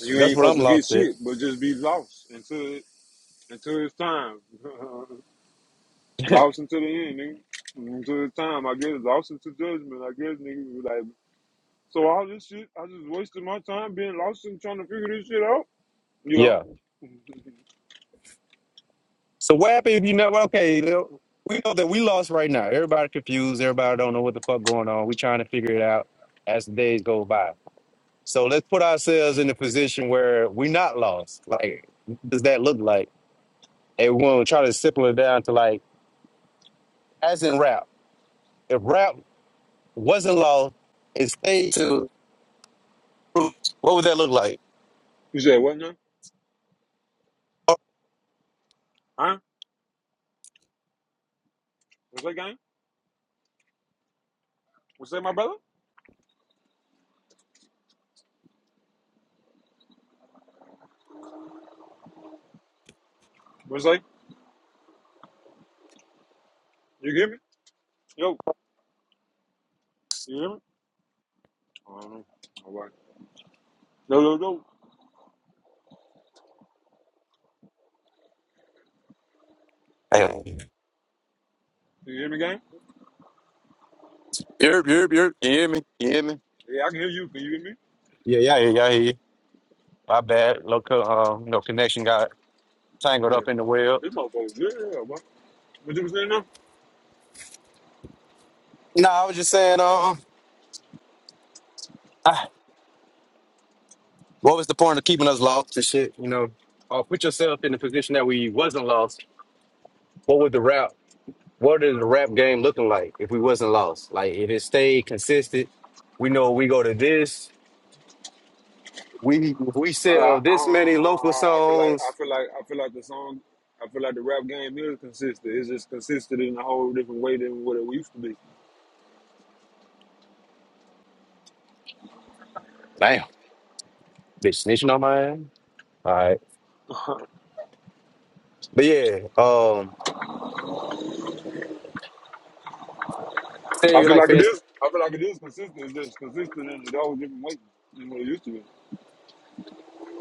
Speaker 2: You
Speaker 1: That's
Speaker 2: ain't
Speaker 1: what I'm
Speaker 2: supposed to get
Speaker 1: lost at.
Speaker 2: shit, but just be lost until it, until it's time. lost until the end, nigga. Until it's time, I guess. Lost into judgment, I guess, nigga. be Like, so all this shit, I just wasted my time being lost and trying to figure this shit out. Yo,
Speaker 1: yeah. So what happened if you never okay, you know, we know that we lost right now. Everybody confused, everybody don't know what the fuck going on. We trying to figure it out as the days go by. So let's put ourselves in a position where we not lost. Like what does that look like? And we will try to simple it down to like as in rap. If rap wasn't lost, It stayed to fruit, what would that look like?
Speaker 2: you said what now? Huh? What's that gang? What's that, my brother? What's that? You hear me? Yo, you hear me? I don't know. All right. Yo, yo, yo.
Speaker 1: Hey,
Speaker 2: You hear me, gang?
Speaker 1: Yerp, yerp, yerp. You hear me? You hear me?
Speaker 2: Yeah, I can hear you. Can you hear me?
Speaker 1: Yeah, yeah, yeah, yeah. I hear you. My bad. Local, um, no connection got tangled
Speaker 2: Yeah.
Speaker 1: up in the web.
Speaker 2: This motherfucker's good, yeah, bro. What you was saying now?
Speaker 1: No, I was just saying, um, ah, what was the point of keeping us lost and shit? You know, uh, put yourself in the position that we wasn't lost. What would the rap? What is the rap game looking like if we wasn't lost? Like if it stayed consistent, we know we go to this. We we
Speaker 2: I, I,
Speaker 1: sell
Speaker 2: I,
Speaker 1: this many local
Speaker 2: I I feel like I
Speaker 1: songs.
Speaker 2: feel like I feel like the song, I feel like the rap game is consistent. It's just consistent in a whole different way than what it used to be.
Speaker 1: Damn. Bitch snitching on my ass. All right. But yeah, um,
Speaker 2: I
Speaker 1: say
Speaker 2: feel
Speaker 1: like
Speaker 2: like
Speaker 1: for
Speaker 2: it
Speaker 1: instance,
Speaker 2: is. I feel like it is consistent. It's just consistent in a whole different way than what it used to be.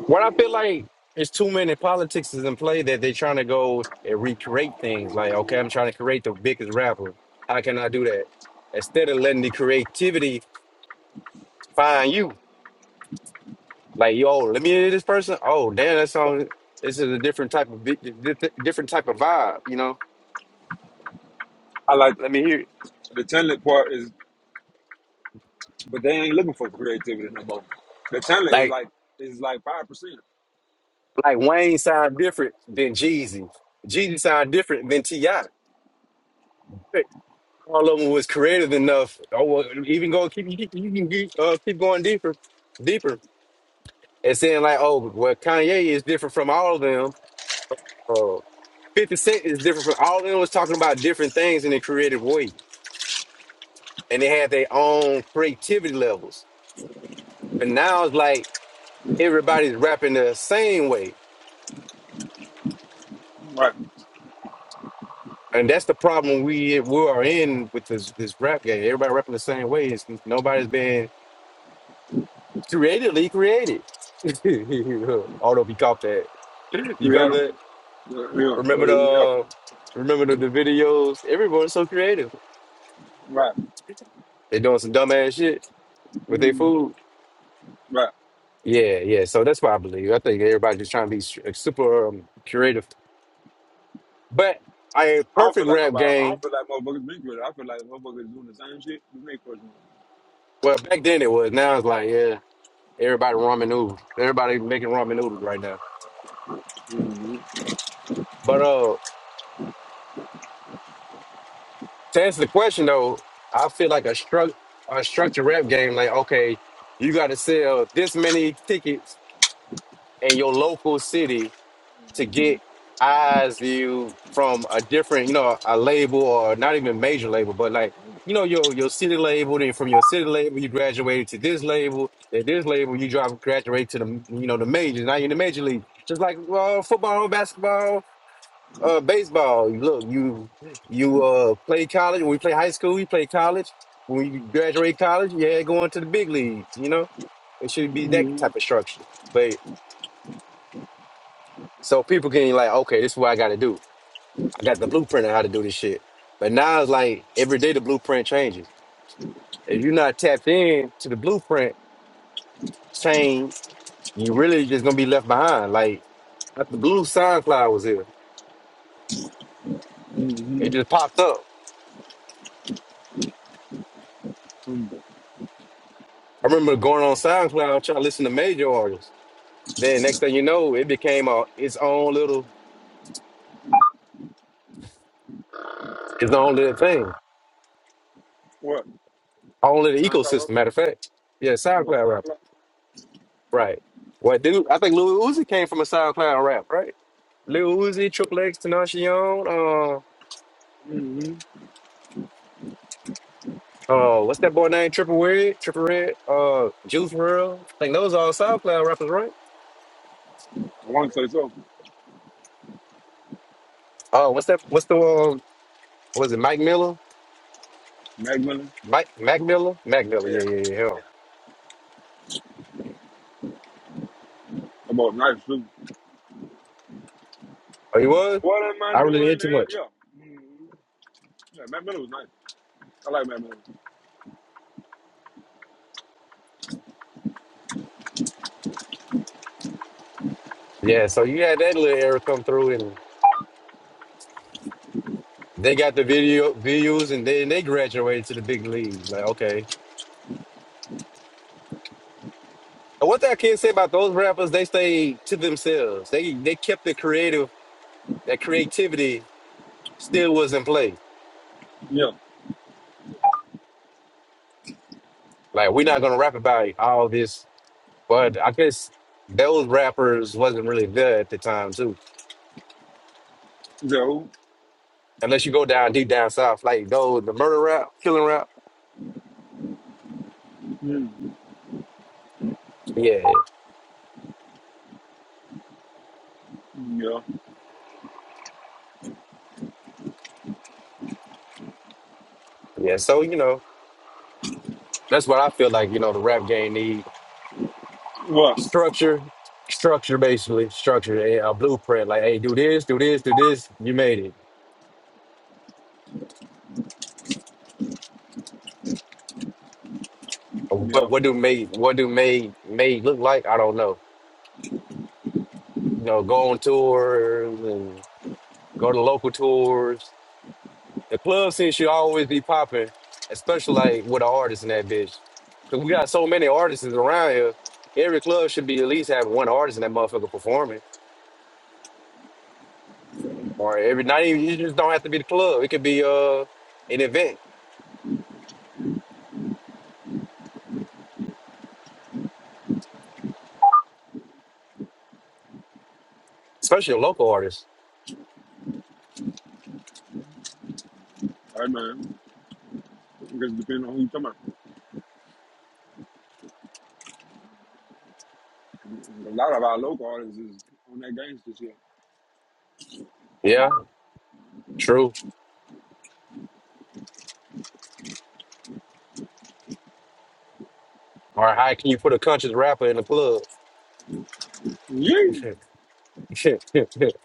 Speaker 1: what I feel like is too many politics is in play that they're trying to go and recreate things. Like, okay, I'm trying to create the biggest rapper. How can I do that? Instead of letting the creativity find you. Like, yo, let me hear this person. Oh, damn, that song. This is a different type of vi- di- di- different type of vibe. You know,
Speaker 2: I like
Speaker 1: let me hear. It.
Speaker 2: the talent part is, but they ain't looking for creativity no more. The talent is
Speaker 1: Like,
Speaker 2: like is like five percent.
Speaker 1: like Wayne sound different than Jeezy. Jeezy sound different than Ti. all of them was creative enough. Oh, well, even go keep you keep- you can keep, uh, keep going deeper, deeper, and saying like, oh, well, Kanye is different from all of them. Uh, Fifty Cent is different from all of them. Was talking about different things in a creative way, and they had their own creativity levels. But now it's like everybody's rapping the same way,
Speaker 2: Right.
Speaker 1: and that's the problem we we are in with this this rap game. Everybody rapping the same way. It's, nobody's been creatively created. Although we caught that. You caught
Speaker 2: Creative.
Speaker 1: that?
Speaker 2: Yeah. Yeah.
Speaker 1: Remember
Speaker 2: yeah.
Speaker 1: the remember the, the videos? Everyone's so creative.
Speaker 2: Right.
Speaker 1: They're doing some dumbass shit with their food.
Speaker 2: Right.
Speaker 1: Yeah, yeah. So that's what I believe. I think everybody's just trying to be s- uh, super um, creative. But I
Speaker 2: I don't feel
Speaker 1: perfect
Speaker 2: like
Speaker 1: rap
Speaker 2: nobody. I don't
Speaker 1: game.
Speaker 2: feel like motherfuckers been with it. I feel like motherfuckers doing the same shit we make question.
Speaker 1: Well, back then it was. Now it's like, yeah, everybody ramen noodles. Everybody making ramen noodles right now. But uh to answer the question though, I feel like a struct a structured rap game, like okay, you got to sell this many tickets in your local city to get eyes view from a different, you know, a label or not even major label, but like you know your your city label. Then from your city label, you graduated to this label. At this label, you drop graduate to the you know the majors. Now you're in the major league, just like well, football, basketball uh baseball. Look, you you uh play college. When we play high school, we play college. When we graduate college, yeah, going to the big leagues. You know, it should be that type of structure. But so people can like, okay, this is what I got to do. I got the blueprint on how to do this shit. But now it's like every day the blueprint changes. If you're not tapped in to the blueprint change, you really just gonna be left behind. Like after Blue SoundCloud was here, it just popped up. I remember going on SoundCloud trying to listen to major artists. Then next thing you know, it became a, its own little its own little thing,
Speaker 2: What?
Speaker 1: own little
Speaker 2: SoundCloud rap?
Speaker 1: ecosystem. Matter of fact, yeah,
Speaker 2: What
Speaker 1: SoundCloud rapper,
Speaker 2: SoundCloud?
Speaker 1: right? What dude? I think Lil Uzi came from a SoundCloud rap, right? Lil Uzi, Triple X, Tenacion, uh,
Speaker 2: Mm-hmm.
Speaker 1: uh, what's that boy name? Triple Red, Triple Red, uh, Juice WRLD. I think those are all SoundCloud rappers, right?
Speaker 2: I want to say so.
Speaker 1: Oh, what's that? What's the um? Was it Mike Miller?
Speaker 2: Mac Miller.
Speaker 1: Mike Mac Miller? Mac Miller?
Speaker 2: Yeah.
Speaker 1: Yeah, yeah, yeah. hell.
Speaker 2: About nice too.
Speaker 1: Oh, he was.
Speaker 2: What am I
Speaker 1: I really didn't hear
Speaker 2: doing
Speaker 1: too
Speaker 2: here?
Speaker 1: much.
Speaker 2: Yeah. Mm-hmm. Yeah, Mac Miller was nice. I like Mac Miller.
Speaker 1: Yeah, so you had that little era come through They got the video views and then they graduated to the big leagues. Like, okay. And what that kid say about those rappers, they stayed to themselves. They they kept the creative that creativity still was in play.
Speaker 2: Yeah.
Speaker 1: Like we're not gonna rap about all this, but I guess those rappers wasn't really there at the time too.
Speaker 2: Is that who?
Speaker 1: Unless you go down deep down south, like those the murder rap, killing rap.
Speaker 2: Mm-hmm.
Speaker 1: Yeah.
Speaker 2: Yeah.
Speaker 1: Yeah. So, you know, that's what I feel like, you know, the rap game needs.
Speaker 2: What?
Speaker 1: structure, structure basically, structure, a, a blueprint. Like, hey, do this, do this, do this. You made it.
Speaker 2: Yeah.
Speaker 1: But what do made what do made made look like? I don't know. You know, go on tours and go to local tours. The club scene should always be popping, especially like with an artist in that bitch. Cause we got so many artists around here. Every club should be at least having one artist in that motherfucker performing. Or every not even you just don't have to be the club. It could be uh an event, especially a local artist.
Speaker 2: Hey man, because depending on who you talking about. A lot of our local artists is on that gangster shit.
Speaker 1: Yeah. True. Or how can you put a conscious rapper in the club?
Speaker 2: Yeah.
Speaker 1: like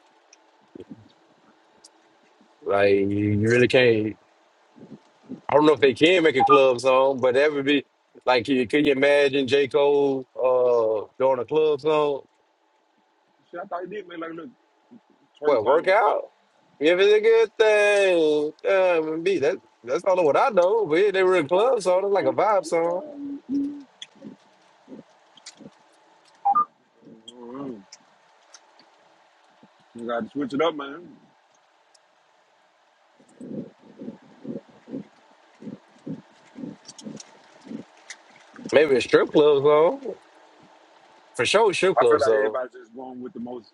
Speaker 1: you you really can't. I don't know if they can make a club song, but that would be like, can you can you imagine J. Cole uh, doing a club song?
Speaker 2: Shit, I thought he did make like a little twerk
Speaker 1: What
Speaker 2: song.
Speaker 1: workout? If it's a good thing, um, be that that's all of what I know. But yeah, they were in club song, it's like a vibe song,
Speaker 2: uh You gotta switch it up, man.
Speaker 1: maybe a strip club song for sure, strip
Speaker 2: I feel
Speaker 1: club
Speaker 2: like
Speaker 1: song.
Speaker 2: everybody's just going with the most.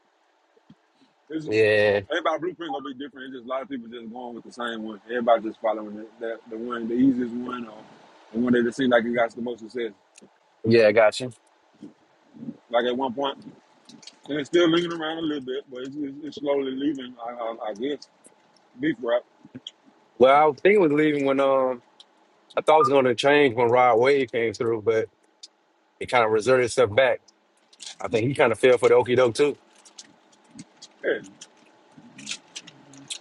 Speaker 2: It's,
Speaker 1: Yeah,
Speaker 2: everybody blueprint gonna be different. It's just a lot of people just going with the same one. Everybody just following the, the, the one, the easiest one, or the one that just seems like it got the most success.
Speaker 1: yeah, I got you.
Speaker 2: Like at one point, and it's still lingering around a little bit, but it's, it's, it's slowly leaving. I, I, I guess beef rap.
Speaker 1: Well, I think it was leaving when um I thought it was going to change when Rod Wave came through, but it kind of reserted itself back. I think he kind of fell for the okie doke too.
Speaker 2: Yeah,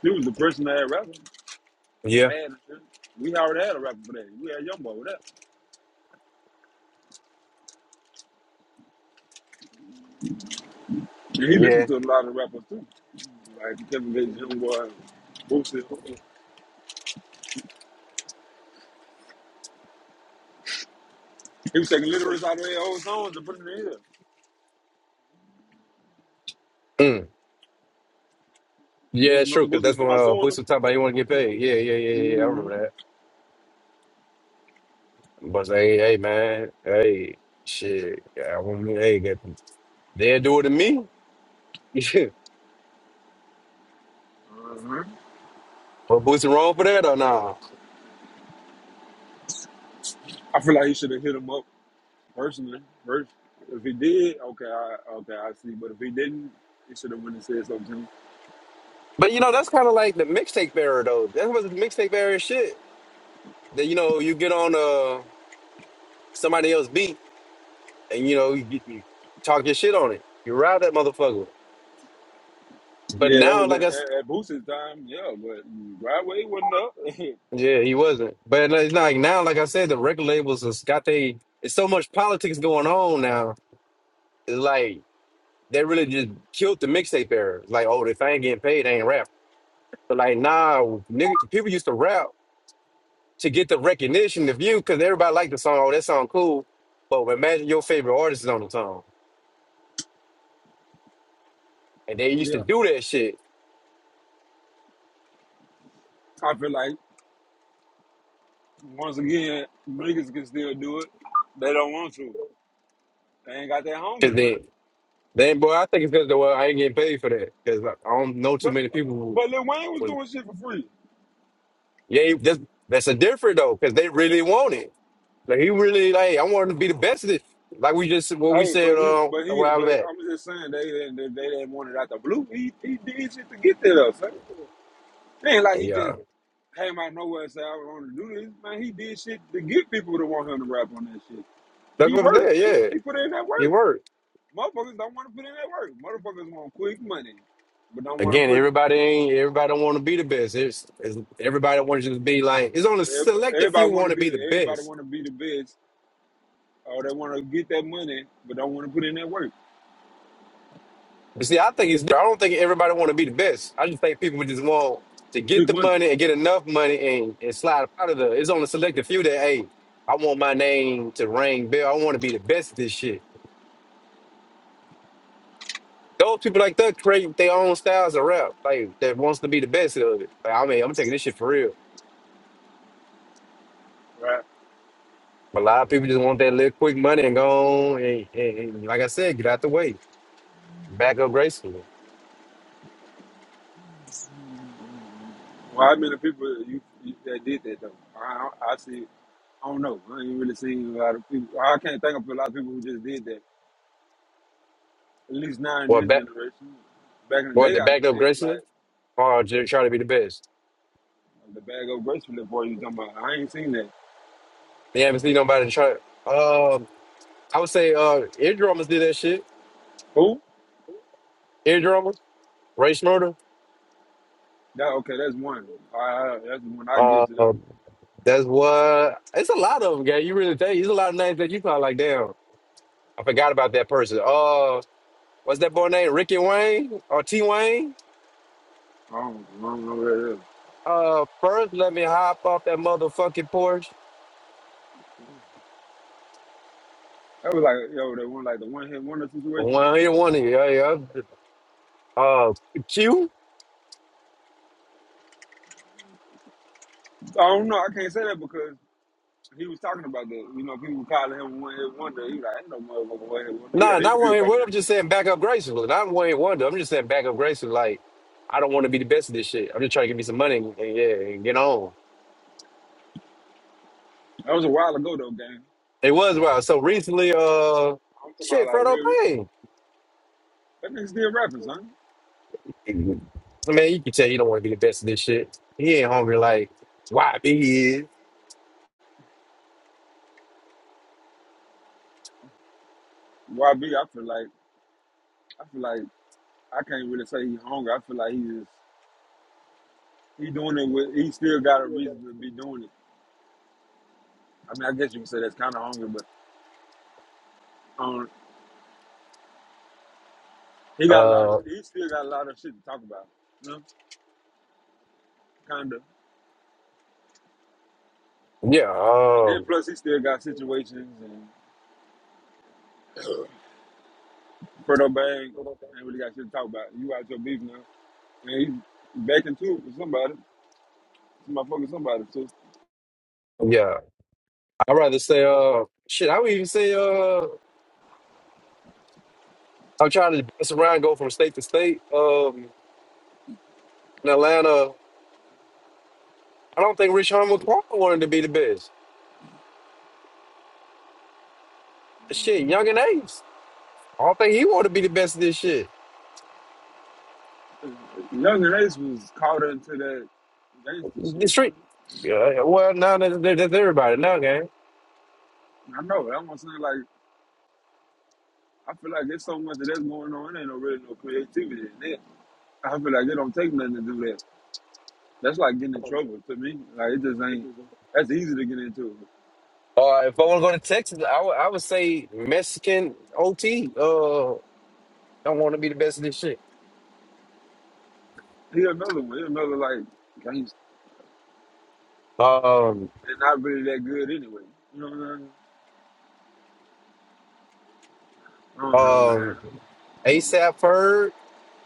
Speaker 2: he was the person that had rapper.
Speaker 1: Yeah,
Speaker 2: Sad and shit. We already had a rapper for that. We had YoungBoy with that, and he listened
Speaker 1: yeah,
Speaker 2: to a lot of rappers too, like Kevin Gates, YoungBoy, Boosie. He was taking literates out of their old songs and putting them in here.
Speaker 1: mm. yeah.
Speaker 2: Boosie,
Speaker 1: It's
Speaker 2: remember
Speaker 1: true because
Speaker 2: Boosie was
Speaker 1: that's
Speaker 2: talking
Speaker 1: when
Speaker 2: about
Speaker 1: uh,
Speaker 2: suing
Speaker 1: Boosie was talking about he want to get paid. Yeah, yeah, yeah, yeah. I
Speaker 2: him?
Speaker 1: remember that. But hey, hey, man, hey, shit, yeah, I want me, hey, get, they'll do it to me.
Speaker 2: Mm-hmm. Uh-huh.
Speaker 1: But Boosie wrong for that or nah?
Speaker 2: I feel like he should have hit him up personally first. If he did, okay, I, okay, I see. But if he didn't, he should have went and said something to him.
Speaker 1: But you know, that's kind of like the mixtape barrier though. That was the mixtape barrier shit. That you know, you get on uh somebody else beat and you know you, you talk your shit on it. You ride that motherfucker. But
Speaker 2: Yeah, that
Speaker 1: now,
Speaker 2: was at,
Speaker 1: like I, s-
Speaker 2: at, at Boosie's time. Yeah, but Broadway wasn't up.
Speaker 1: yeah, he wasn't. But like, like now, like I said, the record labels has got they. It's so much politics going on now. It's like they really just killed the mixtape era. It's Like, oh, if I ain't getting paid, I ain't rap. But like, nah, nigga, people used to rap to get the recognition, the view, because everybody liked the song. Oh, that song cool. But imagine your favorite artist is on the song, and they used to
Speaker 2: yeah,
Speaker 1: do that shit.
Speaker 2: I feel like once again, niggas can still do it. They don't want to. They ain't got that hunger, son.
Speaker 1: Then, boy, I think it's because well, I ain't getting paid for that because I don't know too
Speaker 2: But
Speaker 1: many people who
Speaker 2: but Lil Wayne was
Speaker 1: was
Speaker 2: doing shit for free.
Speaker 1: yeah. That's that's a different though because they really want it. Like he really like I want him to be the best at it. Like we just what we
Speaker 2: Hey, but
Speaker 1: said
Speaker 2: he,
Speaker 1: uh,
Speaker 2: but
Speaker 1: a
Speaker 2: he, but
Speaker 1: while back.
Speaker 2: I'm just saying they didn't, they, they didn't want it out the blue. He, he did shit to get there, son. It ain't like he just
Speaker 1: Yeah,
Speaker 2: came out of nowhere and said I want to do this. Man, he did shit to get people to want him to rap on that shit.
Speaker 1: that's
Speaker 2: He
Speaker 1: what I'm
Speaker 2: worked,
Speaker 1: saying.
Speaker 2: nigga.
Speaker 1: Yeah,
Speaker 2: He put in that
Speaker 1: he
Speaker 2: work.
Speaker 1: worked
Speaker 2: Motherfuckers don't want to put in that work. Motherfuckers want quick money, but don't want to
Speaker 1: again.
Speaker 2: put.
Speaker 1: Everybody ain't everybody don't want to be the best. It's, it's everybody wants you to be like it's only selected few
Speaker 2: Everybody want
Speaker 1: want
Speaker 2: to
Speaker 1: to
Speaker 2: be
Speaker 1: be
Speaker 2: the.
Speaker 1: the best.
Speaker 2: Everybody want to be the best, or they want to get that money, but don't want to put in that work.
Speaker 1: But see, I think it's. I don't think everybody want to be the best. I just think people would just want to get
Speaker 2: Quick
Speaker 1: the
Speaker 2: money.
Speaker 1: money and get enough money and, and slide up out of there. It's only selected few that hey, I want my name to ring bell. I want to be the best at this shit. Those people like that create their own styles of rap, like that wants to be the best of it. Like, I mean, I'm taking this shit for real. But a lot of people just want that little quick money and go on and, and, and like I said, get out the way, back up gracefully,
Speaker 2: Well, how many people you, you that did that though? I, I I see. I don't know. I ain't really seen a lot of people. I can't think of a lot of people who just did that. At least now in
Speaker 1: or
Speaker 2: this
Speaker 1: back,
Speaker 2: generation. Back in the
Speaker 1: or
Speaker 2: day,
Speaker 1: to
Speaker 2: I
Speaker 1: back
Speaker 2: get
Speaker 1: up
Speaker 2: it.
Speaker 1: gracefully,
Speaker 2: Like
Speaker 1: or just try to be the best.
Speaker 2: the bag of gracefully boy you talking about. I ain't seen that.
Speaker 1: You haven't seen nobody try. uh, I would say uh Ear drummers did that shit.
Speaker 2: Who?
Speaker 1: Eardrummers, Ray Schmurder.
Speaker 2: That okay? That's one. I, I- that's the one I give
Speaker 1: Uh,
Speaker 2: to them.
Speaker 1: um, that's what it's a lot of them, guy. You really think there's a lot of names that you probably like, damn, I forgot about that person. Uh what's that boy name? Ricky Wayne or T Wayne?
Speaker 2: I don't, I don't know what that is.
Speaker 1: Uh first let me hop off that motherfucking porch.
Speaker 2: That was like yo, that one like the one hit wonder situation.
Speaker 1: One here, one here, yeah, yeah. Uh Q?
Speaker 2: I don't know. I can't say that because he was talking about that. You know, people calling him one hit wonder. He like, ain't no motherfucker one hit wonder. He had
Speaker 1: Nah,
Speaker 2: an
Speaker 1: not
Speaker 2: interview
Speaker 1: one here.
Speaker 2: about
Speaker 1: What
Speaker 2: that.
Speaker 1: I'm just saying back up gracefully. Not one here wonder. I'm just saying back up gracefully like I don't want to be the best of this shit. I'm just trying to get me some money and, and yeah, and get on.
Speaker 2: That was a while ago though, gang.
Speaker 1: It was wild. So recently, uh,
Speaker 2: I'm talking about
Speaker 1: shit,
Speaker 2: like
Speaker 1: Frodo
Speaker 2: real.
Speaker 1: Payne.
Speaker 2: That nigga still rapping, son.
Speaker 1: I mean, you can tell he don't want to be the best of this shit. He ain't hungry like why he is.
Speaker 2: YB, I feel like I feel like I can't really say he hungry. I feel like he just he doing it with he still got a reason to be doing it. I mean, I guess you can say that's kind of hungry, but um, he got a lot of
Speaker 1: Uh,
Speaker 2: shit. He still got a lot of shit to talk about, you know, kind of.
Speaker 1: yeah,
Speaker 2: And then
Speaker 1: um,
Speaker 2: plus he still got situations and Fredo Bang ain't really got shit to talk about. You out your beef now, and he back into it with somebody, some motherfucking somebody. So
Speaker 1: yeah. I'd rather say, uh, shit. I would even say, uh, I'm trying to bounce around, go from state to state. Um, in Atlanta, I don't think Rich Homie Quan wanted to be the best. Shit, Young and Ace. I don't think he wanted to be the best of this shit.
Speaker 2: Younger and Ace was caught into that gangster
Speaker 1: The
Speaker 2: shit, son.
Speaker 1: street. Yeah, well, now that- that's everybody now, gang.
Speaker 2: I know. That's what I'm saying. Like, I feel like there's so much of that's going on. There ain't no really no creativity in it. I feel like it don't take nothing to do that. That's like getting in trouble to me. Like, it just ain't. That's easy to get into.
Speaker 1: Uh, if I want to go to Texas, I would I would say Mexican OT. Uh, I want to be the best of this shit.
Speaker 2: He another one. He another like gangster.
Speaker 1: Um,
Speaker 2: They're not really that good anyway. You know what I'm saying? I don't know, man.
Speaker 1: um,
Speaker 2: I don't know.
Speaker 1: ASAP Ferg.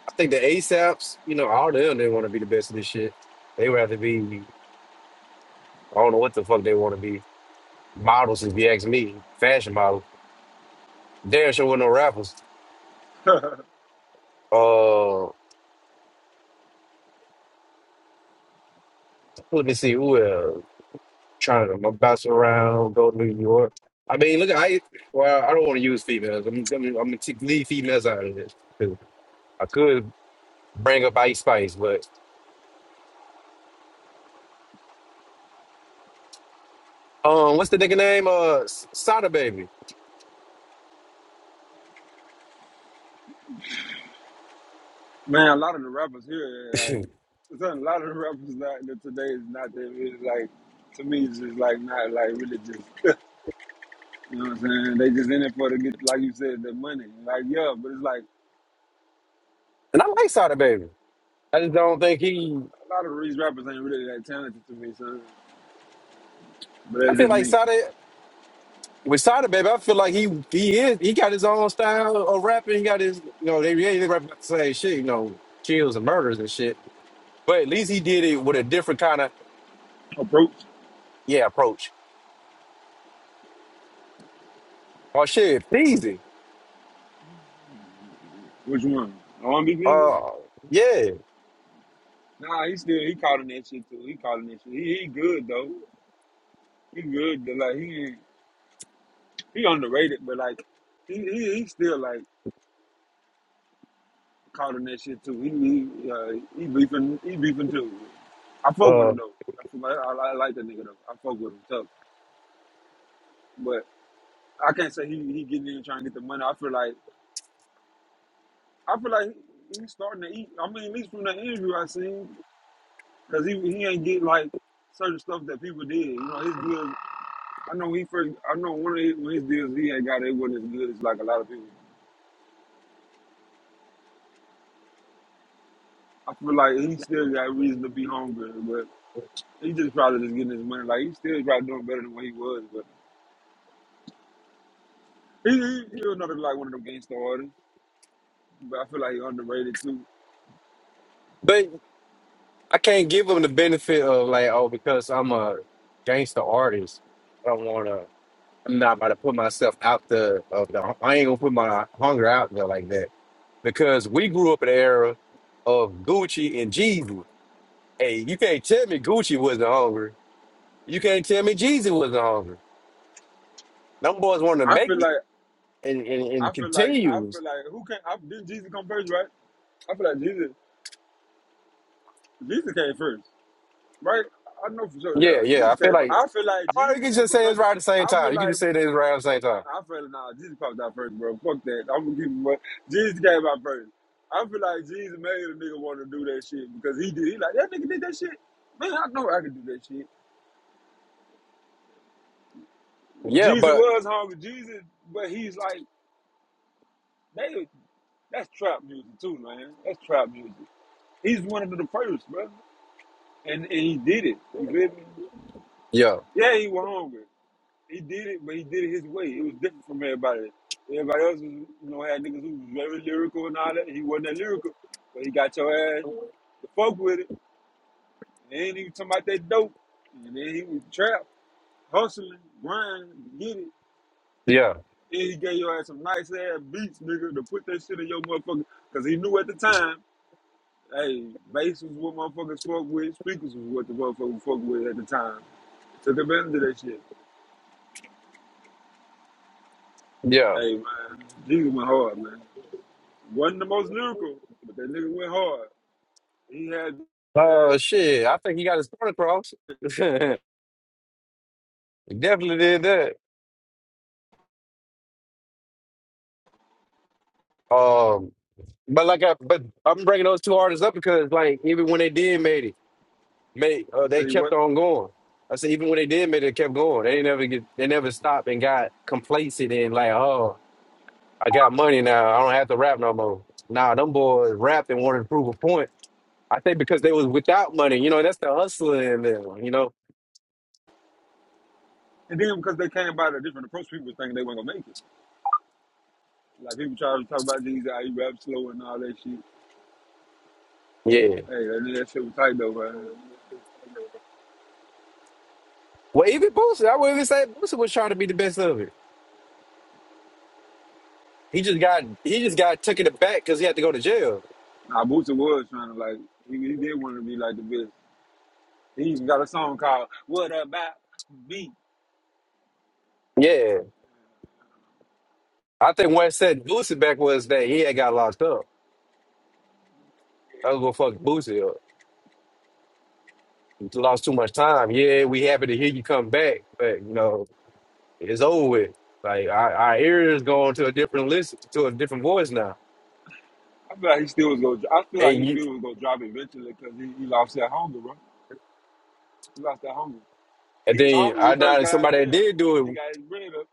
Speaker 1: I think the ASAPs, you know, all them they want to be the best of this shit. They would have to be. I don't know what the fuck they want to be. Models, if you ask me, fashion models. Damn sure with no rappers. Uh, let me see who else. trying to bounce around, go to New York. I mean, look, I well, I don't want to use females. I'm, I'm, I'm gonna take- leave females out of this. 'Cause I could bring up Ice Spice, but um, what's the nigga name? Uh, S- Sada Baby,
Speaker 2: Man, a lot of the rappers
Speaker 1: and
Speaker 2: here, like, son, a lot of the rappers not, that today is not that really like. To me, it's just like not like really just. You know what I'm saying? They just in it for the get, like you said, the money. Like, yeah, but it's like
Speaker 1: I like Sada Baby. I just don't think he.
Speaker 2: a lot of these rappers ain't really that talented to me, son. But
Speaker 1: I
Speaker 2: that's
Speaker 1: feel
Speaker 2: just
Speaker 1: like
Speaker 2: me.
Speaker 1: Sada with Sada Baby. I feel like he he is he got his own style of rapping. He got his you know they yeah they rap about the same shit you know kills and murders and shit. But at least he did it with a different kind of
Speaker 2: Approach?
Speaker 1: yeah approach. Oh shit, Peasy.
Speaker 2: Which one? I want to be busy?
Speaker 1: Uh, yeah.
Speaker 2: Nah, he still he calling that shit too. He calling that shit. He, he good though. He good. But like he he underrated, but like he he, he still like calling that shit too. He he uh, he beefing he beefing too. I fuck with him
Speaker 1: Uh,
Speaker 2: though. I, feel like, I, I like that nigga though. I fuck with him tough, but I can't say he he getting in trying to get the money. I feel like. I feel like he- he's starting to eat. I mean, at least from the interview I seen, because he he ain't get like certain stuff that people did. You know, his deals. I know he first. I know one of his, when his deals he had got it wasn't as good as like a lot of people. I feel like he still got reason to be hungry, but he just probably just getting his money. Like he still probably doing better than what he was, but he he, he was another like one of them gangster artists. But I feel like he underrated too.
Speaker 1: but I can't give them the benefit of like, oh, because I'm a gangster artist, I don't want to. I'm not about to put myself out the of the. I ain't gonna put my hunger out there like that because we grew up in the era of Gucci and Jeezy. Hey, you can't tell me Gucci wasn't hungry. You can't tell me Jeezy wasn't hungry. Them boys wanted to
Speaker 2: I
Speaker 1: make
Speaker 2: feel
Speaker 1: it
Speaker 2: like
Speaker 1: and and,
Speaker 2: I
Speaker 1: and
Speaker 2: feel like I
Speaker 1: continues.
Speaker 2: feel like who can I didn't Jesus come first, right? I feel like Jesus Jesus came first. Right? I know for sure.
Speaker 1: Yeah,
Speaker 2: Yeah,
Speaker 1: yeah. I
Speaker 2: Jesus
Speaker 1: feel
Speaker 2: came. First.
Speaker 1: like,
Speaker 2: I feel like
Speaker 1: or you can
Speaker 2: Jeezy
Speaker 1: just say
Speaker 2: because
Speaker 1: it's right at the same
Speaker 2: I feel
Speaker 1: time. You can
Speaker 2: like
Speaker 1: just say it's right at the same time.
Speaker 2: I feel nah. Jeezy popped out first, bro. Fuck that. I'm gonna give him. what- Jeezy came out first. I feel like Jeezy made a nigga want to do that shit because he did. He like that nigga did that shit. Man, I know I can do that shit.
Speaker 1: Yeah,
Speaker 2: Jeezy
Speaker 1: but
Speaker 2: was hungry. Jeezy, but he's like they. That's trap music too, man. That's trap music. He's one of the first, bro, and and he did it. You feel me?
Speaker 1: Yeah,
Speaker 2: Yeah, he was hungry. He did it, but he did it his way. It was different from everybody. Everybody else was, you know, had niggas who was very lyrical and all that. He wasn't that lyrical, but he got your ass to fuck with it. And then he was talking about that dope. And then he was trapped, hustling, grinding, get it. And
Speaker 1: yeah,
Speaker 2: he gave your ass some nice ass beats, nigga, to put that shit in your motherfucker. Cause he knew at the time, hey, bass was what motherfuckers fuck with, speakers was what the motherfuckers fuck with at the time. Took advantage of that shit.
Speaker 1: yeah.
Speaker 2: Hey man, Jesus went hard, man. Wasn't the most lyrical, but that nigga went hard. He had, had
Speaker 1: Uh, shit. I think he got his point across. Definitely did that. Um, but like I, but I'm bringing those two artists up because like even when they did made it, made uh, they
Speaker 2: say
Speaker 1: kept
Speaker 2: what,
Speaker 1: on going. I said even when they did made it, they kept going. They didn't never get, they never stopped and got complacent and like, oh, I got money now. I don't have to rap no more. Nah, them boys rapped and wanted to prove a point. I think because they was without money, you know, that's the hustler in them, you know.
Speaker 2: and then because they came by a different approach, people was thinking they weren't gonna make it. Like people tried to talk about these, how he rap slow and all that shit.
Speaker 1: Yeah.
Speaker 2: Hey, that, nigga- that shit was tight though, man.
Speaker 1: Well, even Boosie, I would even say Boosie was trying to be the best of it. He just got he just got took in the back because he had to go to jail.
Speaker 2: Nah, Boosie was trying to like, he, he did want to be like the best. He even got a song called "What About Me."
Speaker 1: Yeah, I think what set Boosie back was that he had got locked up. I was gonna fuck Boosie up. He lost too much time. Yeah, we happy to hear you come back, but you know it's over with. Like our, our ears going to a different listen to a different voice now.
Speaker 2: I feel like he still was gonna. I feel like
Speaker 1: And
Speaker 2: he
Speaker 1: you
Speaker 2: still was gonna drop it eventually because he, he lost that hunger, bro. He lost that hunger.
Speaker 1: and
Speaker 2: He was
Speaker 1: then
Speaker 2: hungry when he
Speaker 1: I
Speaker 2: first
Speaker 1: doubted
Speaker 2: got out of
Speaker 1: somebody that
Speaker 2: jail,
Speaker 1: did
Speaker 2: but once
Speaker 1: do
Speaker 2: he
Speaker 1: it.
Speaker 2: got his bread up.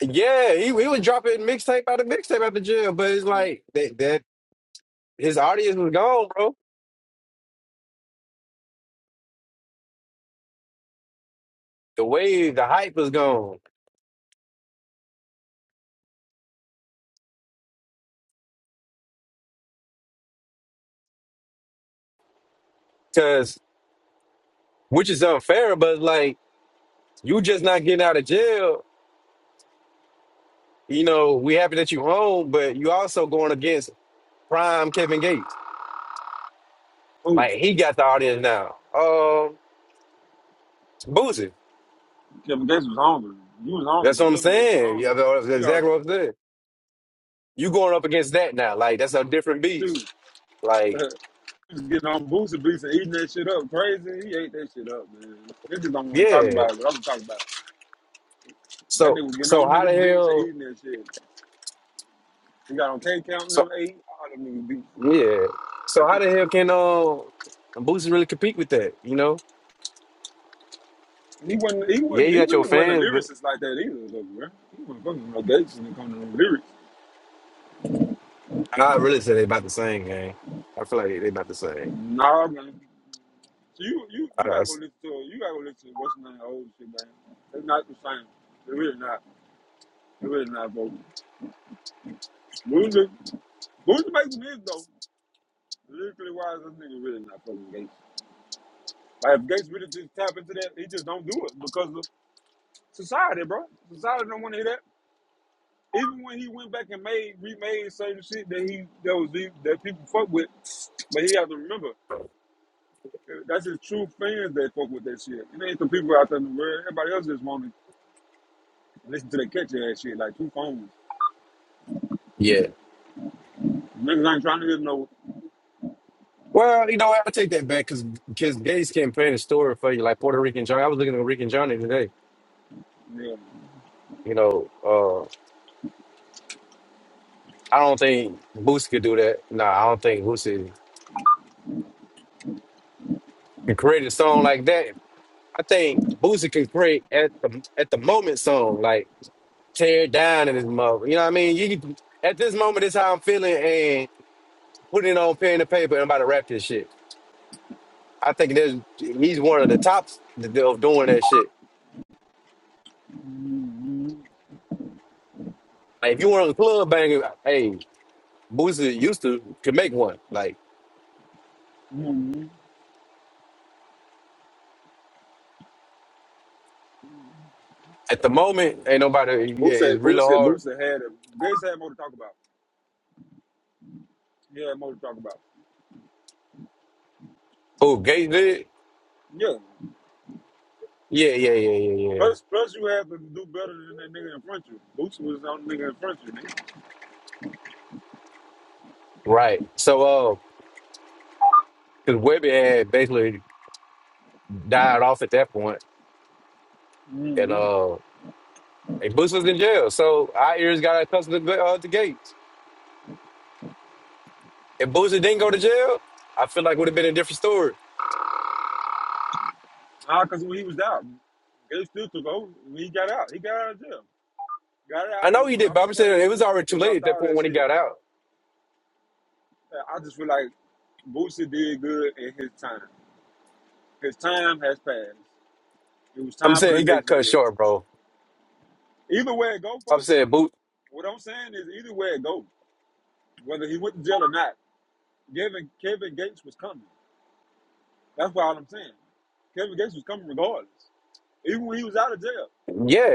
Speaker 1: Yeah, he, he was dropping mixtape out of mixtape out the jail, but it's like that that his audience was gone, bro The wave, the hype is gone. Cause which is unfair, but like you just not getting out of jail. You know, we happy that you home, but you also going against prime Kevin Gates.
Speaker 2: oh,
Speaker 1: Like he got the audience now. Um, Boosie.
Speaker 2: Kevin Gates was hungry. You was hungry,
Speaker 1: That's what
Speaker 2: but
Speaker 1: I'm
Speaker 2: Kevin Gates was
Speaker 1: saying.
Speaker 2: hungry.
Speaker 1: Yeah, that's
Speaker 2: You already
Speaker 1: exactly what I'm saying. You going up against that now. Like that's a different
Speaker 2: too.
Speaker 1: beast. Like,
Speaker 2: he was getting on Boosie Beats and eating that shit up crazy. He ate that shit up, man. Niggas don't want to talk
Speaker 1: yeah.
Speaker 2: about it, but I'm gonna talk about it. That
Speaker 1: So
Speaker 2: nigga was getting
Speaker 1: so
Speaker 2: on
Speaker 1: how the
Speaker 2: niggas beats and
Speaker 1: hell
Speaker 2: eating that shit. He got on K Count and them
Speaker 1: so
Speaker 2: eight. All them niggas beats.
Speaker 1: yeah. So how the hell can uh Boosie really compete with that? You know?
Speaker 2: He wasn't. He
Speaker 1: Yeah,
Speaker 2: wasn't.
Speaker 1: you
Speaker 2: He
Speaker 1: got your
Speaker 2: really wasn't a
Speaker 1: fans,
Speaker 2: lyricist like that either, though, bro. He wasn't fucking with no Gates when it comes to no lyrics.
Speaker 1: I really say they about the same, gang. I feel like they, they about the same.
Speaker 2: Nah, man. So You you you
Speaker 1: I, I
Speaker 2: gotta go
Speaker 1: s-
Speaker 2: listen to you gotta go listen to what's name old shit, man. It's not the same. It really not. It really not, bro. music. Who's the Mason is though? Lyrically wise, this nigga really not fucking Gates. Like if Gates really just tap into that, he just don't do it because of society, bro. Society don't want to hear that. Even when he went back and made remade certain shit that he that was the- that people fuck with, but he has to remember that's his true fans that fuck with that shit. It ain't the people out there in the world. Everybody else just want to listen to that catchy ass shit like two phones.
Speaker 1: yeah.
Speaker 2: Niggas ain't trying to hear no.
Speaker 1: Well, you know, what, I take that back because because Gates can paint a story for you, like Puerto Rican Johnny. I was looking at Rican Johnny today.
Speaker 2: Yeah.
Speaker 1: You know, uh, I don't think Boosie could do that. No, I don't think Boosie can create a song like that. I think Boosie can create at the at the moment song, like tear it down in his mother. You know what I mean? You can, at this moment, is how I'm feeling, and putting it on pen and paper, and I'm about to rap this shit. I think there's he's one of the tops th- of doing that shit. Like, if you want a club banger, hey, Boosie used to could make one. Like
Speaker 2: Mm-hmm.
Speaker 1: at the moment, ain't nobody.
Speaker 2: Who
Speaker 1: Yeah,
Speaker 2: said?
Speaker 1: it's
Speaker 2: Who
Speaker 1: really
Speaker 2: said? Who
Speaker 1: hard.
Speaker 2: said? Had a, Gates had more to talk about. He had more to talk about.
Speaker 1: Oh, Gates did.
Speaker 2: Yeah.
Speaker 1: Yeah, yeah, yeah, yeah, yeah.
Speaker 2: Plus, plus you have to do better than that nigga in front of you. Boots was the only nigga in front of you, nigga.
Speaker 1: Right. So, uh, because Webby had basically died off at that point, and
Speaker 2: Mm-hmm.
Speaker 1: uh, and Boosie was in jail. So our ears got accustomed to, uh, to Gates. If Boosie didn't go to jail, I feel like would have been a different story.
Speaker 2: Ah, cause when he was out, they still took over. When he got out, he got out of jail. Got out,
Speaker 1: I
Speaker 2: he
Speaker 1: know
Speaker 2: was
Speaker 1: he did, but
Speaker 2: dropping
Speaker 1: I'm
Speaker 2: crazy.
Speaker 1: saying it was already
Speaker 2: He
Speaker 1: too late
Speaker 2: dropped
Speaker 1: at that
Speaker 2: all
Speaker 1: point
Speaker 2: that
Speaker 1: when he
Speaker 2: shit.
Speaker 1: got out.
Speaker 2: Uh, I just feel like Boosie did good in his time. His time has passed. It was
Speaker 1: I'm
Speaker 2: time for
Speaker 1: saying
Speaker 2: the
Speaker 1: he
Speaker 2: next
Speaker 1: got cut
Speaker 2: nigga.
Speaker 1: short, bro.
Speaker 2: Either way it go,
Speaker 1: I'm
Speaker 2: folks.
Speaker 1: saying boot.
Speaker 2: What I'm saying is either way it go, whether he went to jail or not, Kevin Kevin Gates was coming. That's why all I'm saying. Kevin Gates was coming regardless. even when he was out of jail,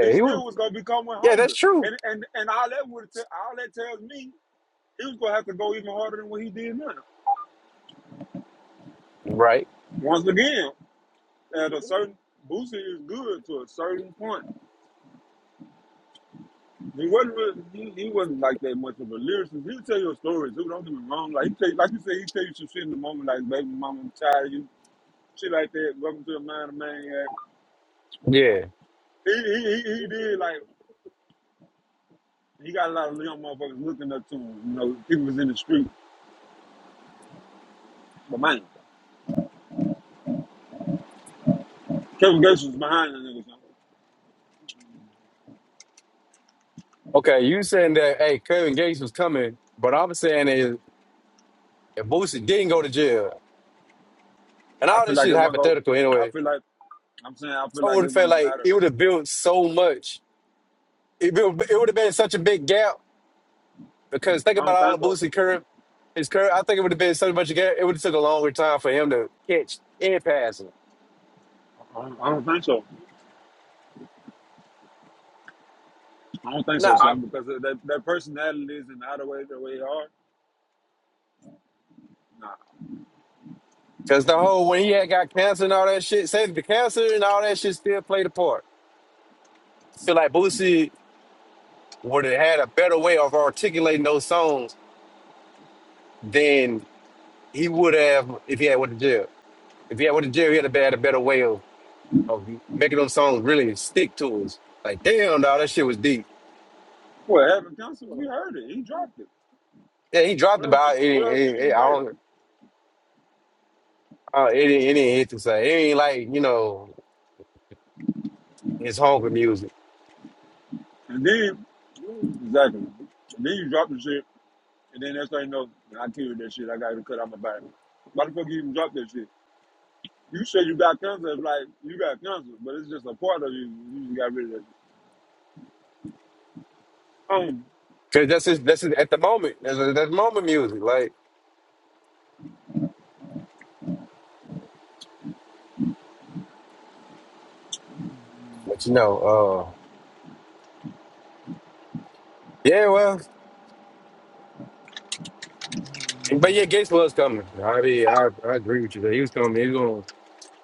Speaker 2: he
Speaker 1: he was.
Speaker 2: still was gonna be coming with
Speaker 1: Yeah, that's
Speaker 2: hunger,
Speaker 1: true.
Speaker 2: And and and all that would all that tells me he was gonna have to go even harder than what he did now.
Speaker 1: Right.
Speaker 2: Once again, at a certain Boosie is good to a certain point. He wasn't really, he, he wasn't like that much of a lyricist. He'll tell you a story too. Don't get me wrong. Like he tell, like you said, he tell you some shit in the moment, like baby mama, i tired you, shit like that. Welcome to the mind of man. Yeah.
Speaker 1: Yeah.
Speaker 2: He, he he he did like he got a lot of young motherfuckers looking up to him. You know, people was in the street, but man. Kevin Gates was behind the niggas.
Speaker 1: Okay. You saying that? Hey, Kevin Gates was coming, but I'm saying is if Boosie didn't go to jail, and
Speaker 2: I
Speaker 1: all
Speaker 2: feel
Speaker 1: this
Speaker 2: like
Speaker 1: shit
Speaker 2: it wouldn't go.
Speaker 1: hypothetical
Speaker 2: I
Speaker 1: anyway,
Speaker 2: feel like I'm saying I feel
Speaker 1: I
Speaker 2: like
Speaker 1: would
Speaker 2: it
Speaker 1: have felt
Speaker 2: wouldn't
Speaker 1: like
Speaker 2: matter.
Speaker 1: it would have built so much. It built, it would have been such a big gap because think
Speaker 2: I
Speaker 1: about
Speaker 2: don't
Speaker 1: all
Speaker 2: think
Speaker 1: the
Speaker 2: so.
Speaker 1: Boosie curve, his curve. I think it would have been so much gap. It would have took a longer time for him to catch and pass him.
Speaker 2: I don't, I don't think so. I don't think so,
Speaker 1: No,
Speaker 2: son. Because that that personalities and how the way the way they are. Nah.
Speaker 1: Cause the whole when he had got cancer and all that shit, say the cancer and all that shit still played a part. So like Boosie would have had a better way of articulating those songs than he would have if he had went to jail. If he had went to jail, he had a had a better way of, of making those songs really stick to us. Like damn, dog, that shit was deep.
Speaker 2: Well, Evan counsel, we heard it. He dropped it.
Speaker 1: Yeah, he dropped
Speaker 2: What else? Can,
Speaker 1: about it.
Speaker 2: what
Speaker 1: ain't-
Speaker 2: else can
Speaker 1: it, ain't-
Speaker 2: you
Speaker 1: I don't.
Speaker 2: say?
Speaker 1: Uh, it, ain't- it ain't hit to say. It ain't like you know his hunger music.
Speaker 2: And then exactly. And then you drop the shit. And then that's how you know I killed that shit. I got to cut out my body. Why the fuck you even drop that shit? You said you got cancer. It's like you got cancer, but it's just a part of you. You just got rid of it.
Speaker 1: Cause that's his, that's his, at the moment. That's, that's moment music. Like. But you know, uh, yeah, well, but yeah, Gates was coming. I mean, I, I agree with you that he was coming. He's going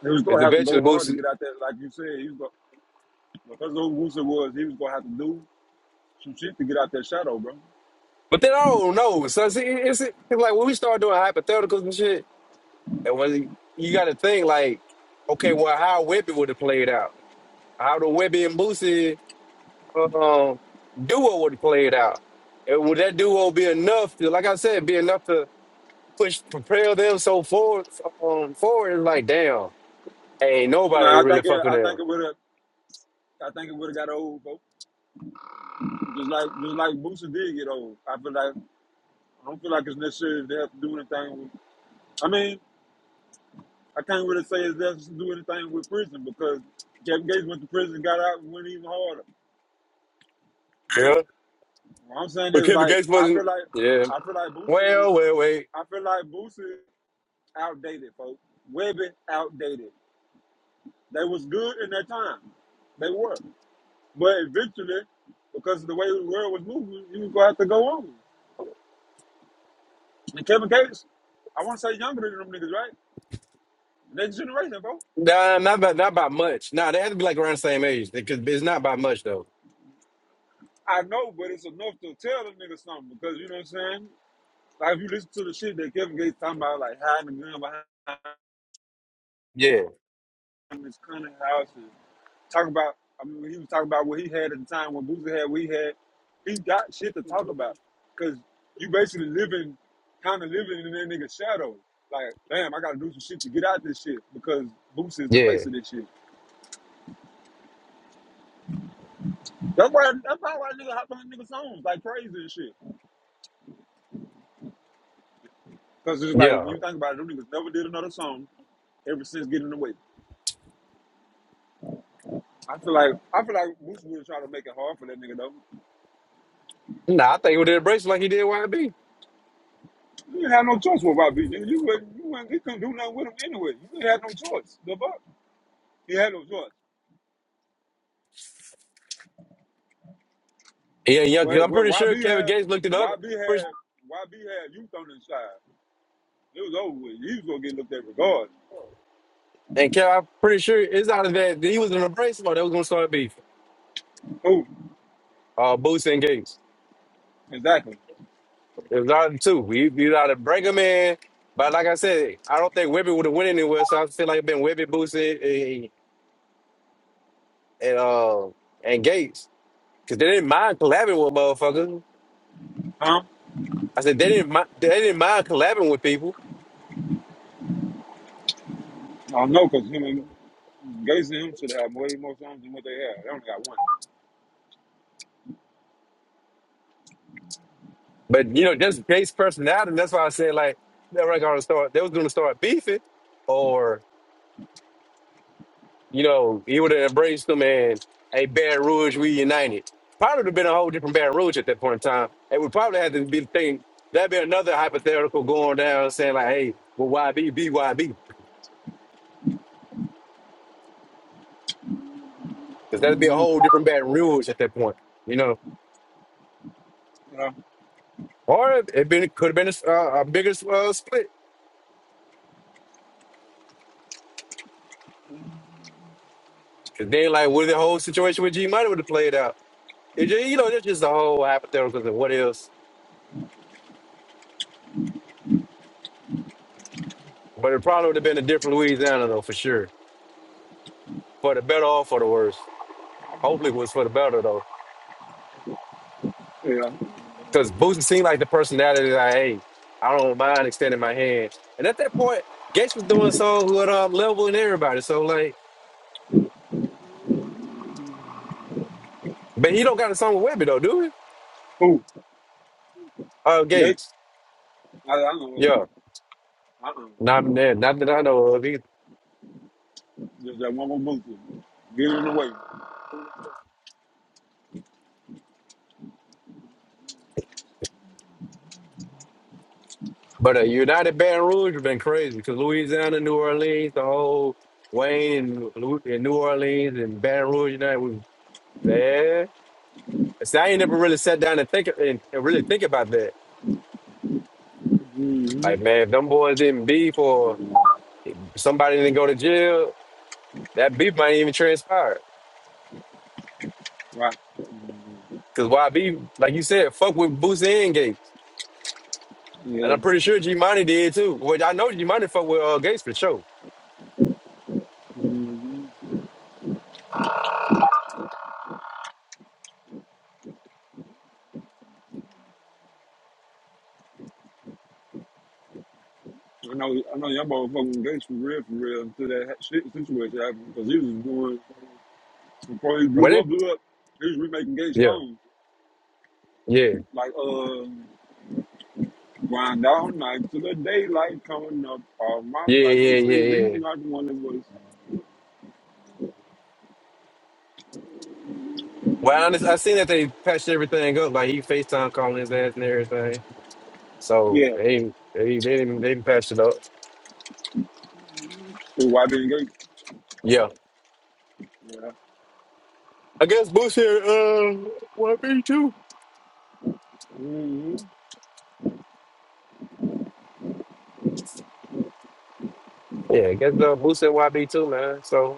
Speaker 2: He was
Speaker 1: it's
Speaker 2: gonna
Speaker 1: the
Speaker 2: have to go
Speaker 1: veteran
Speaker 2: hard
Speaker 1: boost.
Speaker 2: to
Speaker 1: it.
Speaker 2: get out there, like you said. He was gonna, because of who Wusa was, he was gonna have to do some shit to get out that shadow, bro.
Speaker 1: But then I don't know. So see, it's, it's like when we start doing hypotheticals and shit, and when you got to think like, okay, well, how Webby would have played out? How the Webby and Boosie um, duo would have played out? And would that duo be enough to, like I said, be enough to push propel them so forward? Um, forward is like, damn, ain't
Speaker 2: Nah,
Speaker 1: nobody
Speaker 2: I
Speaker 1: really
Speaker 2: think it,
Speaker 1: fucking
Speaker 2: I think it
Speaker 1: them.
Speaker 2: would have, I think it would have got old, bro. Just like just like Boosie did get old. I feel like I don't feel like it's necessary they have to do anything. With, I mean, I can't really say it has to do anything with prison because Kevin Gates went to prison, got out, and went even harder. What I'm saying
Speaker 1: But
Speaker 2: is
Speaker 1: Kevin
Speaker 2: like
Speaker 1: Gates
Speaker 2: I
Speaker 1: wasn't.
Speaker 2: feel like
Speaker 1: Yeah.
Speaker 2: I feel like Boosie was
Speaker 1: Well, well, wait.
Speaker 2: I feel like Boosie outdated, folks. Webby outdated. They was good in that time. They were. But eventually, because of the way the world was moving, you was gonna have to go on. And Kevin Gates, I wanna say younger than them niggas, right? Next generation, bro.
Speaker 1: Nah, not by not by much. Nah, they had to be like around the same age. Because it's not by much though.
Speaker 2: I know, but it's enough to tell them niggas something because you know what I'm saying? Like if you listen to the shit that Kevin Gates talking about, like hiding the gun behind
Speaker 1: Yeah,
Speaker 2: this cunning house and talk about. I mean, he was talking about what he had at the time when Boosie had what he had. He got shit to talk about because you basically living, kind of living in that nigga's shadow. Like, damn, I gotta do some shit to get out this shit because Boosie is the
Speaker 1: yeah,
Speaker 2: face of this shit. That's why. That's probably why nigga hopped on niggas songs like crazy and shit. Because it's like
Speaker 1: yeah.
Speaker 2: when you think about it, them niggas never did another song ever since getting away. I feel like I feel like Boosie would try to make it hard for that nigga though.
Speaker 1: Nah, I think he would have embraced it like he did YB.
Speaker 2: You didn't have no choice with Robbie. Nigga, you wasn't, you wasn't, he couldn't do nothing with him anyway. You didn't have no choice. The fuck? He had no choice.
Speaker 1: Yeah, yeah. 'cause
Speaker 2: But,
Speaker 1: I'm
Speaker 2: but
Speaker 1: pretty sure
Speaker 2: YB
Speaker 1: Kevin
Speaker 2: had
Speaker 1: Gates looked it up.
Speaker 2: YB
Speaker 1: Pretty-
Speaker 2: had YB had youth on his side. It was over with. He was gonna get looked at regardless.
Speaker 1: And Kev, I'm pretty sure it's out of that he was in a brace mode. That was gonna start beef.
Speaker 2: Who
Speaker 1: Uh, Boots and Gates.
Speaker 2: exactly?
Speaker 1: It was out of the two. We you out of break 'em in. But like I said, I don't think Webby would have went anywhere. So I feel like it has been Webby, Boots, and and, uh, and Gates. Cause they didn't mind collabing with motherfuckers.
Speaker 2: Huh?
Speaker 1: I said they didn't mind, they didn't mind collabing with people,
Speaker 2: I don't know because him and Gates and him should have way more songs than what they have. They only got one.
Speaker 1: but you know, just based personality. That's why I said like they were gonna start. They was gonna start beefing, or you know, he would have embraced them and a Baton Rouge reunited. Probably would have been a whole different Baton Rouge at that point in time. It would probably have to be the thing. That'd be another hypothetical going down saying like, hey, well, YB, BYB, because that'd be a whole different Baton Rouge at that point. You know, or it been could have been a, s- uh, a bigger uh, split Cause then, like, what if the whole situation with G Money would have played out? It just, you know, that's just the whole hypothetical of what else. But it probably would have been a different Louisiana though, for sure. For the better or for the worse. Hopefully it was for the better though.
Speaker 2: You know? Yeah.
Speaker 1: Cause Boosie seemed like the personality that I hate. I don't mind extending my hand. And at that point, Gates was doing songs with um level and everybody. So like but he don't got a song with Webby though, do he?
Speaker 2: Who?
Speaker 1: Uh
Speaker 2: Gates?
Speaker 1: Gates.
Speaker 2: I, I don't know.
Speaker 1: Yeah.
Speaker 2: Uh uh
Speaker 1: Not, yeah, not that I know of.
Speaker 2: Just that one more movie. Get it away.
Speaker 1: But uh, United Baton Rouge would have been crazy because Louisiana, New Orleans, the whole Wayne and, Lou- and New Orleans and Baton Rouge United was there. See, I ain't never really sat down and think and, and really think about that.
Speaker 2: Mm-hmm.
Speaker 1: Like, man, if them boys didn't beef or somebody didn't go to jail, that beef might even transpire.
Speaker 2: Right.
Speaker 1: Because why beef? Like you said, fuck with Boosie and Gates.
Speaker 2: Mm-hmm.
Speaker 1: And
Speaker 2: Yeah.
Speaker 1: I'm pretty sure G Money did too. Well, I know G Money fuck with uh, Gates for sure.
Speaker 2: hmm I know. I know. Y'all motherfucking Gates for real, for real until that ha- shit situation happened because he was doing Before he
Speaker 1: What?
Speaker 2: blew
Speaker 1: They,
Speaker 2: up, blew up, he was remaking Gay
Speaker 1: yeah,
Speaker 2: songs
Speaker 1: yeah,
Speaker 2: Like, uh, grind all night to the daylight coming up all my
Speaker 1: yeah,
Speaker 2: life.
Speaker 1: yeah,
Speaker 2: They
Speaker 1: yeah,
Speaker 2: say these
Speaker 1: yeah.
Speaker 2: not one of us.
Speaker 1: Well, I, under- I seen that they patched everything up. Like he Facetime calling his ass and everything. So they they they didn't they didn't patch it up.
Speaker 2: So why being Gay?
Speaker 1: Yeah, I guess Boosie uh YB too.
Speaker 2: Mm-hmm.
Speaker 1: Yeah, I guess uh, Boosie and YB too, man. So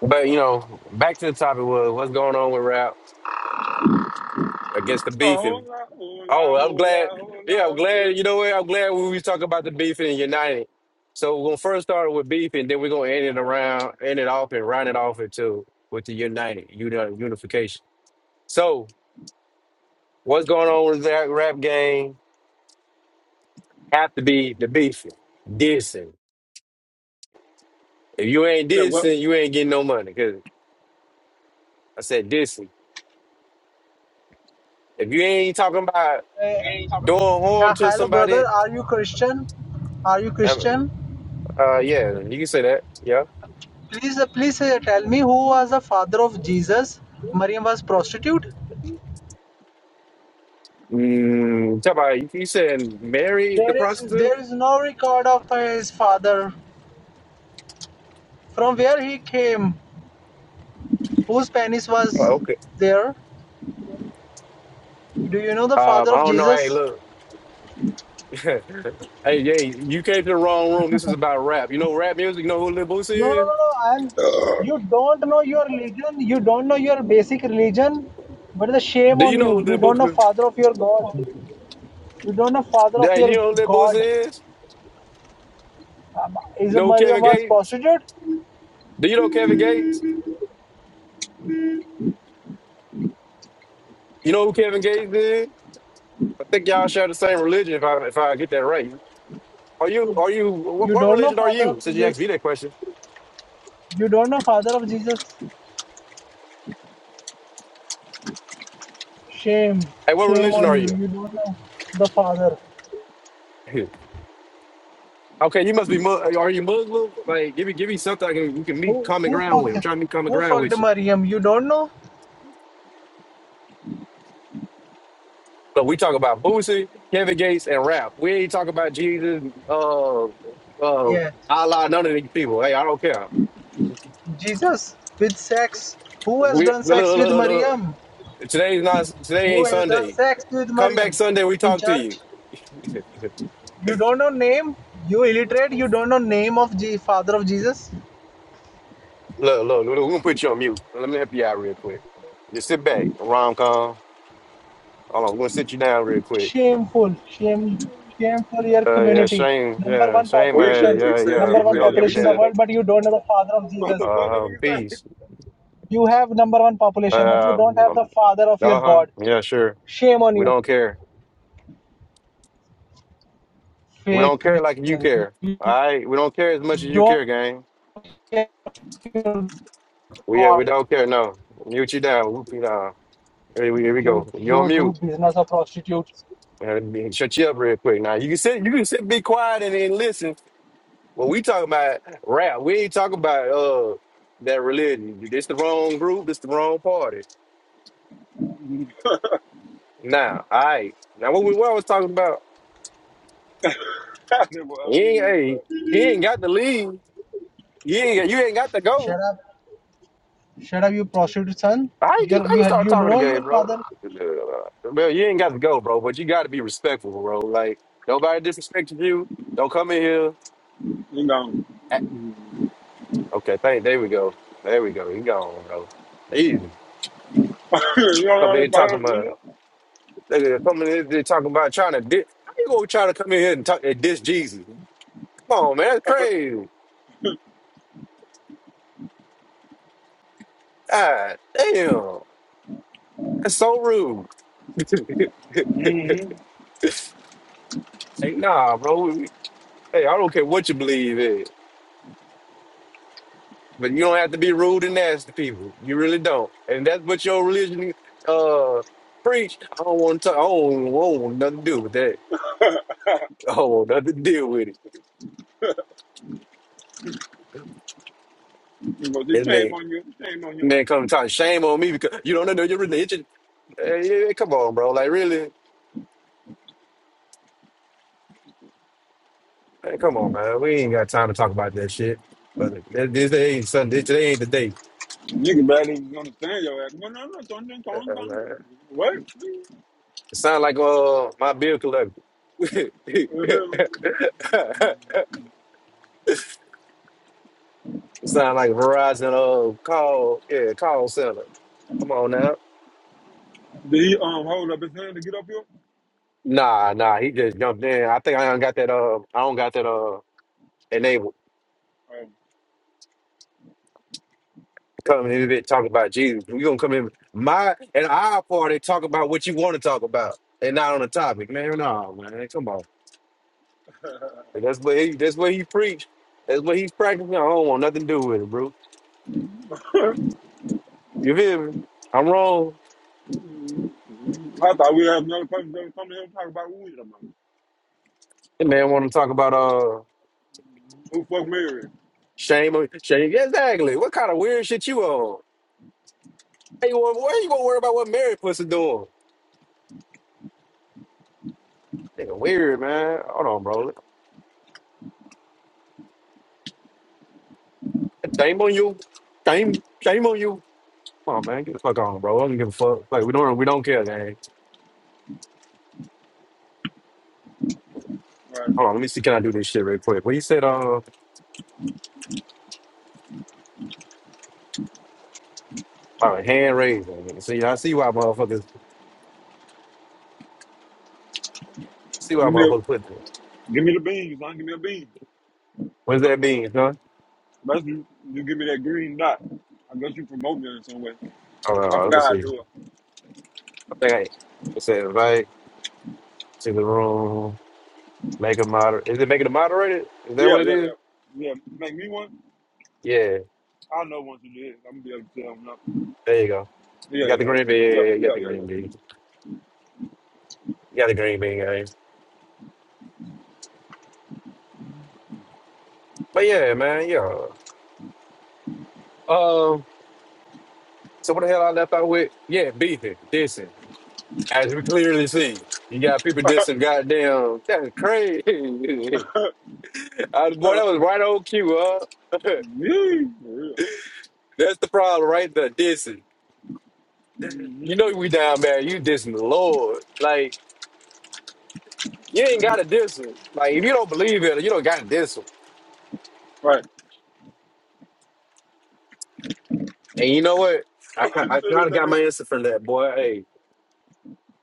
Speaker 1: But you know, back to the topic was what's going on with rap against the
Speaker 2: A whole
Speaker 1: beefing.
Speaker 2: lot, whole
Speaker 1: Oh,
Speaker 2: lot,
Speaker 1: I'm
Speaker 2: whole
Speaker 1: glad.
Speaker 2: lot, whole
Speaker 1: Yeah, I'm
Speaker 2: lot.
Speaker 1: glad.
Speaker 2: eh.
Speaker 1: You know what? I'm glad we was talking about the beefing and united. So we're gonna first start with beefing, then we're gonna end it around, end it off, and round it off into with the united, uni- unification. So what's going on with that rap game? Have to be the beefing, dissing. If you ain't
Speaker 2: He said, what?
Speaker 1: dissing, you ain't getting no money. Cause I said dissing. If you ain't talking about
Speaker 3: Hey,
Speaker 1: doing harm
Speaker 3: Yeah,
Speaker 1: to
Speaker 3: hello
Speaker 1: somebody,
Speaker 3: brother, are you Christian? Are you Christian?
Speaker 1: Uh, yeah, you can say that. Yeah.
Speaker 3: Please, uh, please uh, tell me who was the father of Jesus? Maryam was prostitute.
Speaker 1: Mm, talk about you, you said marry the
Speaker 3: There is
Speaker 1: prostitute?
Speaker 3: there is no record of his father. From where he came, whose penis
Speaker 1: Oh,
Speaker 3: was
Speaker 1: okay.
Speaker 3: there? Do you know the
Speaker 1: Um,
Speaker 3: father
Speaker 1: I
Speaker 3: of
Speaker 1: don't know. Hey,
Speaker 3: Jesus?
Speaker 1: look. hey, yeah, you came to the wrong room. This is about rap. You know rap music. You know who Lil
Speaker 3: No, no,
Speaker 1: Boosie is?
Speaker 3: no, no. I'm. You don't know your religion. You don't know your basic religion. What is the shame
Speaker 1: Do
Speaker 3: on
Speaker 1: you know who
Speaker 3: you?
Speaker 1: Lil
Speaker 3: You don't know
Speaker 1: Boosie?
Speaker 3: father of your God. You don't know father of
Speaker 1: Hey, you
Speaker 3: your
Speaker 1: know who Lil
Speaker 3: God.
Speaker 1: Boosie is?
Speaker 3: Um, Is
Speaker 1: You know who
Speaker 3: Maryam
Speaker 1: Kevin
Speaker 3: was
Speaker 1: Gates?
Speaker 3: prostitute?
Speaker 1: Do you know Kevin Gates? You know who Kevin Gates is? I think y'all share the same religion. If I if I get that right. Are you? Are you? What,
Speaker 3: You
Speaker 1: what
Speaker 3: don't know
Speaker 1: religion are
Speaker 3: father
Speaker 1: you?
Speaker 3: of
Speaker 1: Since you asked
Speaker 3: Jesus.
Speaker 1: me that question,
Speaker 3: You don't know father of Jesus. Shame,
Speaker 1: hey, what
Speaker 3: shame
Speaker 1: religion
Speaker 3: on
Speaker 1: are
Speaker 3: you.
Speaker 1: you?
Speaker 3: You don't know the father.
Speaker 1: Okay, you must be. Mu- Are you Muslim? Like, give me, give me something I can, we can meet
Speaker 3: Who
Speaker 1: common
Speaker 3: who
Speaker 1: ground with. I'm
Speaker 3: fucked
Speaker 1: trying to meet common
Speaker 3: who
Speaker 1: ground with
Speaker 3: fucked
Speaker 1: you.
Speaker 3: Maryam? You don't know?
Speaker 1: But we talk about Boosie, Kevin Gates, and rap. We ain't talk about Jesus, uh, uh,
Speaker 3: Yeah,
Speaker 1: Allah, none of these people. Hey, I don't care.
Speaker 3: Jesus with sex. Who has
Speaker 1: We
Speaker 3: done
Speaker 1: look,
Speaker 3: sex
Speaker 1: look, look, look,
Speaker 3: with
Speaker 1: look. look.
Speaker 3: Maryam?
Speaker 1: Today's not. Today
Speaker 3: Who
Speaker 1: ain't
Speaker 3: has done
Speaker 1: Sunday.
Speaker 3: sex with
Speaker 1: Come back
Speaker 3: Maryam
Speaker 1: Sunday. We
Speaker 3: in
Speaker 1: talk to you.
Speaker 3: church? You don't know name. You illiterate. You don't know name of Je- father of Jesus.
Speaker 1: Look, look, look, look, we're gonna put you on mute. Let me help you out real quick. Just sit back, rom com. Hold on, we're gonna sit you down real quick.
Speaker 3: shameful shame shameful your
Speaker 1: Uh, yeah,
Speaker 3: community
Speaker 1: shame,
Speaker 3: number
Speaker 1: yeah,
Speaker 3: one
Speaker 1: shame, uh,
Speaker 2: Well, he
Speaker 1: yeah,
Speaker 2: said,
Speaker 3: population
Speaker 2: he
Speaker 1: yeah.
Speaker 2: said,
Speaker 1: yeah,
Speaker 2: he
Speaker 3: number
Speaker 1: We
Speaker 3: one
Speaker 2: said,
Speaker 1: don't give a
Speaker 2: he
Speaker 3: population in
Speaker 2: said,
Speaker 3: the
Speaker 1: damn.
Speaker 2: the,
Speaker 3: world but you don't know the father of
Speaker 2: what
Speaker 3: jesus
Speaker 2: the fuck that
Speaker 1: Uh,
Speaker 2: nigga say?
Speaker 1: peace.
Speaker 3: you have number one population but you
Speaker 1: Uh, uh
Speaker 3: don't have the father of your
Speaker 1: huh.
Speaker 3: god
Speaker 1: Yeah, sure.
Speaker 3: shame on
Speaker 1: We
Speaker 3: you
Speaker 1: don't care. We
Speaker 3: fake
Speaker 1: don't care like you
Speaker 3: christian
Speaker 1: care. All right, we don't care as much as
Speaker 3: We
Speaker 1: you
Speaker 3: don't
Speaker 1: care, gang.
Speaker 3: have
Speaker 1: We uh, we
Speaker 3: god
Speaker 1: don't care. No, mute you down. Whoop you down. Here we, here we
Speaker 3: you
Speaker 1: go. You on
Speaker 3: you do
Speaker 1: mute.
Speaker 3: business of prostitutes
Speaker 1: Uh, shut you up real quick. Now you can sit. You can sit. Be quiet and then listen Well, we talking about rap. We ain't talking about uh that religion. This the wrong group. This the wrong party. Now, all right. Now, what we what I was talking about?
Speaker 2: I never
Speaker 1: You
Speaker 2: unmuted
Speaker 1: ain't, hey,
Speaker 2: himself.
Speaker 1: you ain't got to leave. You ain't got- you ain't got to go.
Speaker 3: shut up shut up you prostitute son
Speaker 1: I can
Speaker 3: you
Speaker 1: I
Speaker 3: you
Speaker 1: can
Speaker 3: had
Speaker 1: start
Speaker 3: you
Speaker 1: talking to
Speaker 3: know
Speaker 1: gay,
Speaker 3: your
Speaker 1: bro.
Speaker 3: father
Speaker 1: Uh, Well, you ain't got to go, bro. But you got to be respectful, bro. Like nobody disrespected you. Don't come in here.
Speaker 2: You know,
Speaker 1: act- Okay, thank. There we go. There we go. He gone, bro. Easy.
Speaker 2: you
Speaker 1: Come in here
Speaker 2: don't know what
Speaker 1: talking
Speaker 2: I'm
Speaker 1: about.
Speaker 2: saying?
Speaker 1: Nigga coming in here talking about trying to diss. How you gonna try to come in here and talk and diss Jesus? Come on, man, that's crazy. God damn, that's so rude. hey, nah, bro. Hey, I don't care what you believe in, but you don't have to be rude and nasty to people. You really don't. And that's what your religion uh preach. I don't want to. I don't, I don't want nothing to do with that. I don't want nothing to deal with it.
Speaker 2: Because he
Speaker 1: And
Speaker 2: came
Speaker 1: man,
Speaker 2: on you, he came on you.
Speaker 1: man, come talk shame on me because you don't know your religion. Hey, yeah, yeah, come on, bro. Like, really? Hey, come on, man. We ain't got time to talk about that shit. But th- this day ain't Sunday. Today ain't the day.
Speaker 2: Nigga, bad niggas understand your ass. No, no, no, don't, don't,
Speaker 1: Uh,
Speaker 2: don't,
Speaker 1: uh,
Speaker 2: don't.
Speaker 1: man.
Speaker 2: What?
Speaker 1: It sound like uh my bill collector.
Speaker 2: You
Speaker 1: it
Speaker 2: feel me?
Speaker 1: sound like Verizon uh call yeah call center. Come on now.
Speaker 2: Did he um hold up his hand to get up here?
Speaker 1: Nah, nah. He just jumped in. I think I don't got that. Uh, I don't got that. Uh, enabled. Come in here talking about Jesus. We gonna come in my and our party talk about what you want to talk about and not on the topic, man. No, man, come on. And That's what he that's what he preached. That's what he's practicing. I don't want nothing to do with it, bro. You feel me? I'm wrong.
Speaker 2: Um, I thought we had another person that would come to him and talk about who we talking
Speaker 1: That man wanna talk about uh
Speaker 2: Who fuck Mary?
Speaker 1: shame on shame. Yeah, Exactly. What kind of weird shit you on? Hey, you want why you gonna worry about what married pussy doing? Nigga weird, man. Hold on, bro. Shame on you. Shame shame on you. Come on, man. Get the fuck on, bro. I don't give a fuck. Like we don't we don't care, man.
Speaker 2: Right.
Speaker 1: Hold on, let me see. Can I do this shit real quick? Well, he said, uh, all right, hand raising. See, I see why motherfuckers see why
Speaker 2: Give me
Speaker 1: motherfuckers
Speaker 2: a,
Speaker 1: put that.
Speaker 2: give me the beans, son. Give me a bean.
Speaker 1: What's that mean, huh?
Speaker 2: Unless you, you give me that green dot. I guess you promote me in some way.
Speaker 1: Hold on, hold
Speaker 2: I
Speaker 1: on, let me
Speaker 2: forgot how
Speaker 1: see.
Speaker 2: to do it.
Speaker 1: I think I it said invite to the room, make a moder. Is it making a moderator? Is that
Speaker 2: Yeah,
Speaker 1: what it
Speaker 2: yeah,
Speaker 1: is?
Speaker 2: yeah. Yeah, make me one.
Speaker 1: Yeah,
Speaker 2: I know once you do it, I'm gonna be able to tell him now.
Speaker 1: there you go. You
Speaker 2: Yeah,
Speaker 1: got the
Speaker 2: yeah,
Speaker 1: green bean. Yeah,
Speaker 2: yeah,
Speaker 1: yeah, you
Speaker 2: yeah,
Speaker 1: got the green bean. You got the green bean, gang. But yeah, man, yeah. Um, so what the hell I left out with? Yeah, beefing, dissing. As we clearly see, you got people dissing. Goddamn, that's crazy. Uh,
Speaker 2: yeah,
Speaker 1: boy, that was right on cue, huh?
Speaker 2: yeah. Me, for real.
Speaker 1: that's the problem, right? The dissing. You know
Speaker 2: Mm-hmm.
Speaker 1: we down bad. You dissing the Lord, like. You ain't got to diss him. Like if you don't believe it, you don't got to diss him.
Speaker 2: Right.
Speaker 1: And you know what? I
Speaker 2: So
Speaker 1: ki- I
Speaker 2: they
Speaker 1: kind
Speaker 2: think
Speaker 1: of got
Speaker 2: that-
Speaker 1: my answer from that boy. Hey,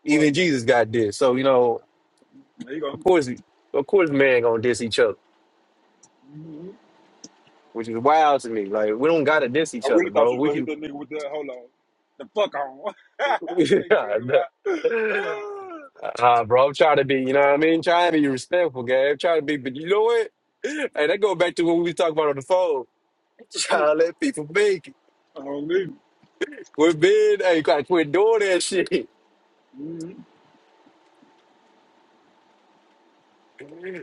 Speaker 2: what?
Speaker 1: even Jesus got this. So you know,
Speaker 2: There you go.
Speaker 1: of course, of course, man gonna diss each other,
Speaker 2: Mhm.
Speaker 1: which is wild to me. Like we don't gotta diss
Speaker 2: I
Speaker 1: each other,
Speaker 2: really thought
Speaker 1: bro.
Speaker 2: you was
Speaker 1: We
Speaker 2: gonna hit
Speaker 1: can.
Speaker 2: that nigga with that. Hold on. The fuck on. and kick
Speaker 1: uh,
Speaker 2: him out.
Speaker 1: bro, I'm trying to be. You know what I mean? Trying to be respectful, Gabe. Trying to be. But you know what? Hey, that go back to what we was talking about on the phone. Trying to let people make it.
Speaker 2: I don't need it.
Speaker 1: We're being. Hey, you gotta quit doing that shit.
Speaker 2: Mm-hmm.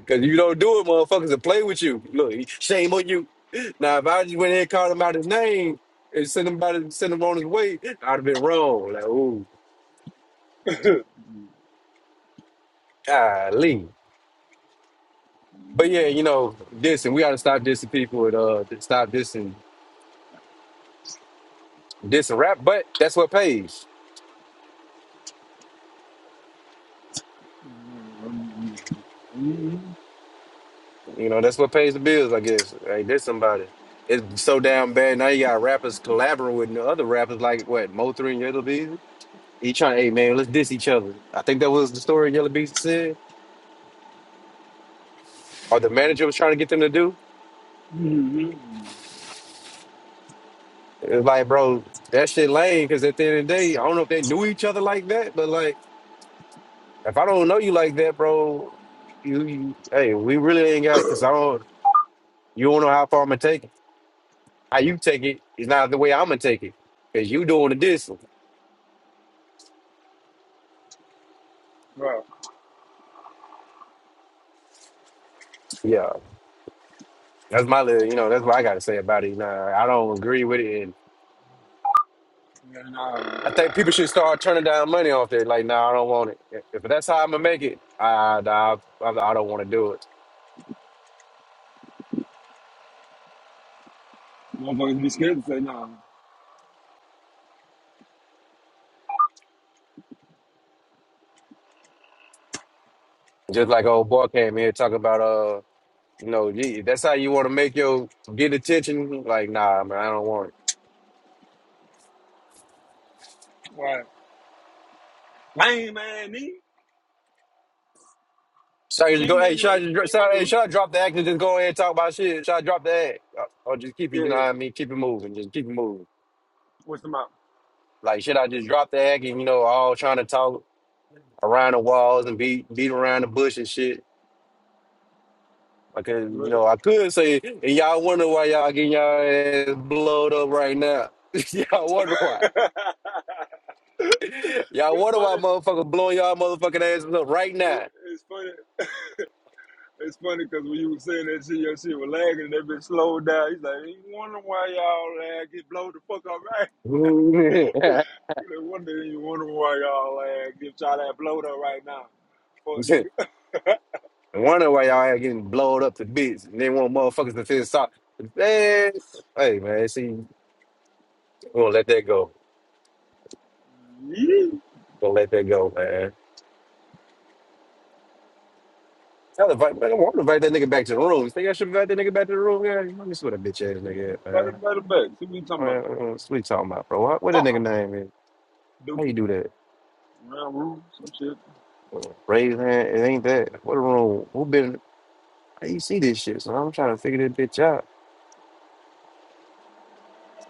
Speaker 1: Cause you don't do it, motherfuckers will play with you. Look, shame on you. Now if I just went ahead and called him out his name and sent him by sent him on his way, I'd have been wrong. Like, ooh, golly. But yeah, you know, dissing. We gotta stop dissing people and uh stop dissing dissing rap, but that's what pays. You know, that's what pays the bills, I guess. Like there's somebody. It's so damn bad. Now you got rappers collaborating with other rappers like what, Mo3 and Yellow Beezy? He trying, hey man, let's diss each other. I think that was the story Yellow Beezy said or the manager was trying to get them to do.
Speaker 2: Mm-hmm.
Speaker 1: It's like, bro, that shit lame. Because at the end of the day, I don't know if they knew each other like that, but like, if I don't know you like that, bro, you, you hey, we really ain't got. Because I don't, you don't know how far I'm gonna take it. How you take it is not the way I'm gonna take it. Cause you doing the distance.
Speaker 2: Bro.
Speaker 1: Yeah, that's my little. You know, that's what I got to say about it. Nah, I don't agree with it. And
Speaker 2: Yeah,
Speaker 1: I
Speaker 2: nah.
Speaker 1: think people should start turning down money off there. Like, nah, I don't want it. If if that's how I'm gonna make it, I, I, I don't want to do it.
Speaker 2: Motherfuckers be scared to say nah.
Speaker 1: Just like old boy came here talking about, uh, you know, gee, that's how you want to make your get attention. Like, nah, man, I don't want it.
Speaker 2: Why? Lame man, me.
Speaker 1: Should I just go?
Speaker 2: Shame
Speaker 1: Hey,
Speaker 2: on
Speaker 1: should I
Speaker 2: you.
Speaker 1: just dr-
Speaker 2: Shame
Speaker 1: should
Speaker 2: on
Speaker 1: I, hey,
Speaker 2: you.
Speaker 1: should I drop the act and just go ahead and talk about shit? Should I drop the act, or or just keep it?
Speaker 2: Yeah,
Speaker 1: You know
Speaker 2: yeah.
Speaker 1: what I mean? Keep it moving. Just keep it moving.
Speaker 2: What's the matter?
Speaker 1: Like, should I just drop the act and you know, all trying to talk around the walls and beat beat around the bush and shit? Because you
Speaker 2: Well,
Speaker 1: know, I could say, and y'all wonder why y'all getting y'all ass blowed up right now. y'all wonder Y'all
Speaker 2: It's
Speaker 1: wonder
Speaker 2: funny.
Speaker 1: why motherfucker blowing y'all motherfucking asses up right
Speaker 2: It,
Speaker 1: now.
Speaker 2: it's funny. It's funny because when you was saying that shit, your shit was lagging and that bitch slowed down. He's like, you wonder why y'all lag? Get blow the fuck up, right?" No wonder you wonder why y'all uh, give y'all that blow though right now. Fuck nigga.
Speaker 1: wonder why y'all ain't getting blown up to bits and they want motherfuckers to feel sorry. Man, hey man, see, we're gonna let that go.
Speaker 2: Yeah.
Speaker 1: We're gonna let that go, man. I'll invite, man, I want to invite that nigga back to the room. You think I should invite that nigga back to the room? Yeah, let me see what a bitch ass nigga at, man.
Speaker 2: Right in the back. See what you talking
Speaker 1: Oh, yeah,
Speaker 2: about.
Speaker 1: uh, What you talking about, bro? What, what that nigga
Speaker 2: Fuck
Speaker 1: name is?
Speaker 2: 'em.
Speaker 1: How you
Speaker 2: Dookie.
Speaker 1: do that?
Speaker 2: Round room, some shit.
Speaker 1: Uh, Raise hand. It ain't that. What a room. Who been? How you see this shit? So I'm trying to figure this bitch out.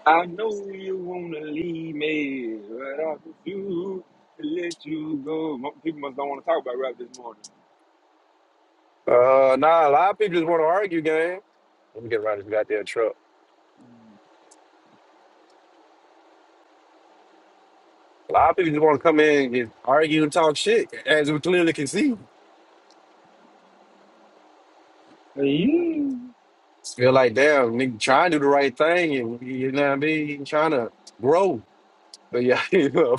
Speaker 2: I know you wanna leave me, but I refuse to let you go. Mo- People must don't wanna talk about rap this morning.
Speaker 1: Uh, nah, a lot of people just want to argue, gang. Let me get around this goddamn truck. A lot of people just want to come in and just argue and talk shit, as we clearly can see.
Speaker 2: Hey, you.
Speaker 1: Feel like, damn, nigga, trying to do the right thing, and you know what I mean, trying to grow. But yeah, you know,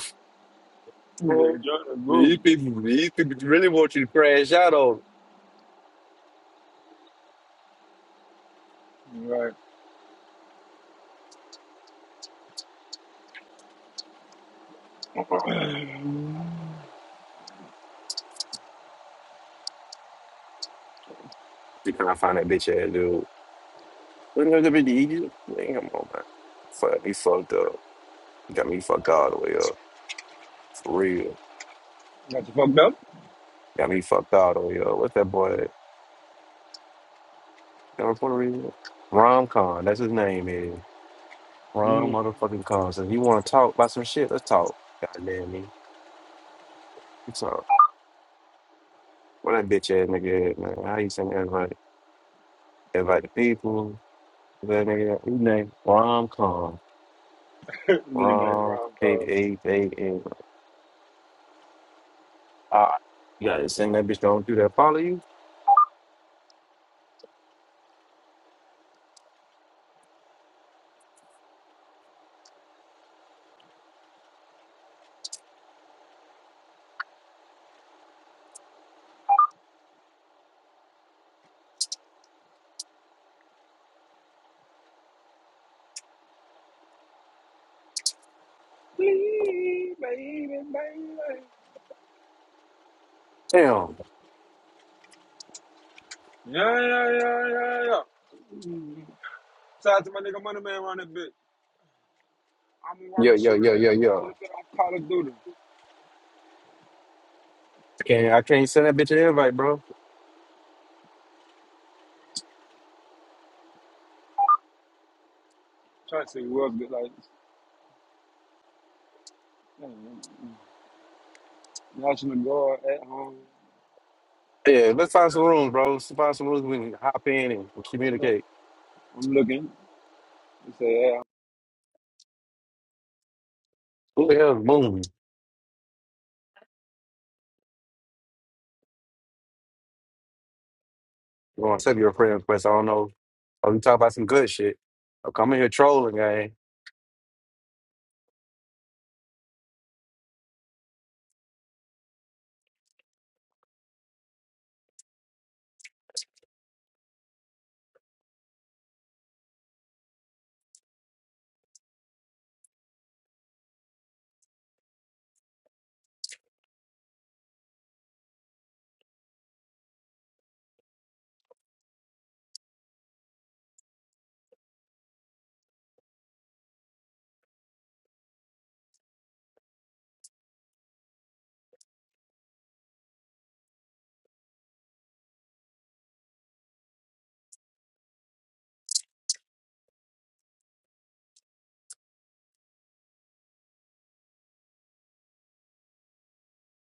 Speaker 2: They're trying to groove.
Speaker 1: these people, these people really want you to crash out on.
Speaker 2: Right.
Speaker 1: You can't find that bitch ass dude. Look at that bitch, he- Damn, come on, man. Fuck, me fucked up. Got me fucked all the way up. For real.
Speaker 2: Got you fucked up?
Speaker 1: Got me fucked all the way up. What's that boy? Y'all Puerto Rican? Rom Con, that's his name, is Rom
Speaker 2: Mm.
Speaker 1: motherfucking Con. So if you want to talk about some shit, let's talk. Goddamn me. We talk. What that bitch ass nigga at, man? How you send everybody? Everybody the people. That nigga, his name, Rom Con.
Speaker 2: Nigga named
Speaker 1: Rom,
Speaker 2: Ron Cole.
Speaker 1: K A A N. Ah, you gotta send that bitch don't do that. Follow you?
Speaker 2: Please, baby, baby.
Speaker 1: Damn.
Speaker 2: Yeah, yeah, yeah, yeah, yeah. Shout out to my nigga Money Man around that bitch. I'm a
Speaker 1: Yo,
Speaker 2: walking
Speaker 1: yo,
Speaker 2: shooter,
Speaker 1: yo,
Speaker 2: nigga.
Speaker 1: yo,
Speaker 2: Should
Speaker 1: yo.
Speaker 2: have been on Call of Duty.
Speaker 1: I can't, I can't send that bitch to everybody, bro.
Speaker 2: Trying to see who else get like damn, National Guard at home.
Speaker 1: Yeah, let's
Speaker 2: Speaking
Speaker 1: find some rooms, bro. Let's find some rooms we can hop in and
Speaker 2: of, I'm,
Speaker 1: communicate.
Speaker 2: I'm looking. They say at
Speaker 1: Who the hell is Moon? You want to accept your prayer request? I don't know. Oh, you talk about some good shit. Okay, I'm coming here trolling, gang.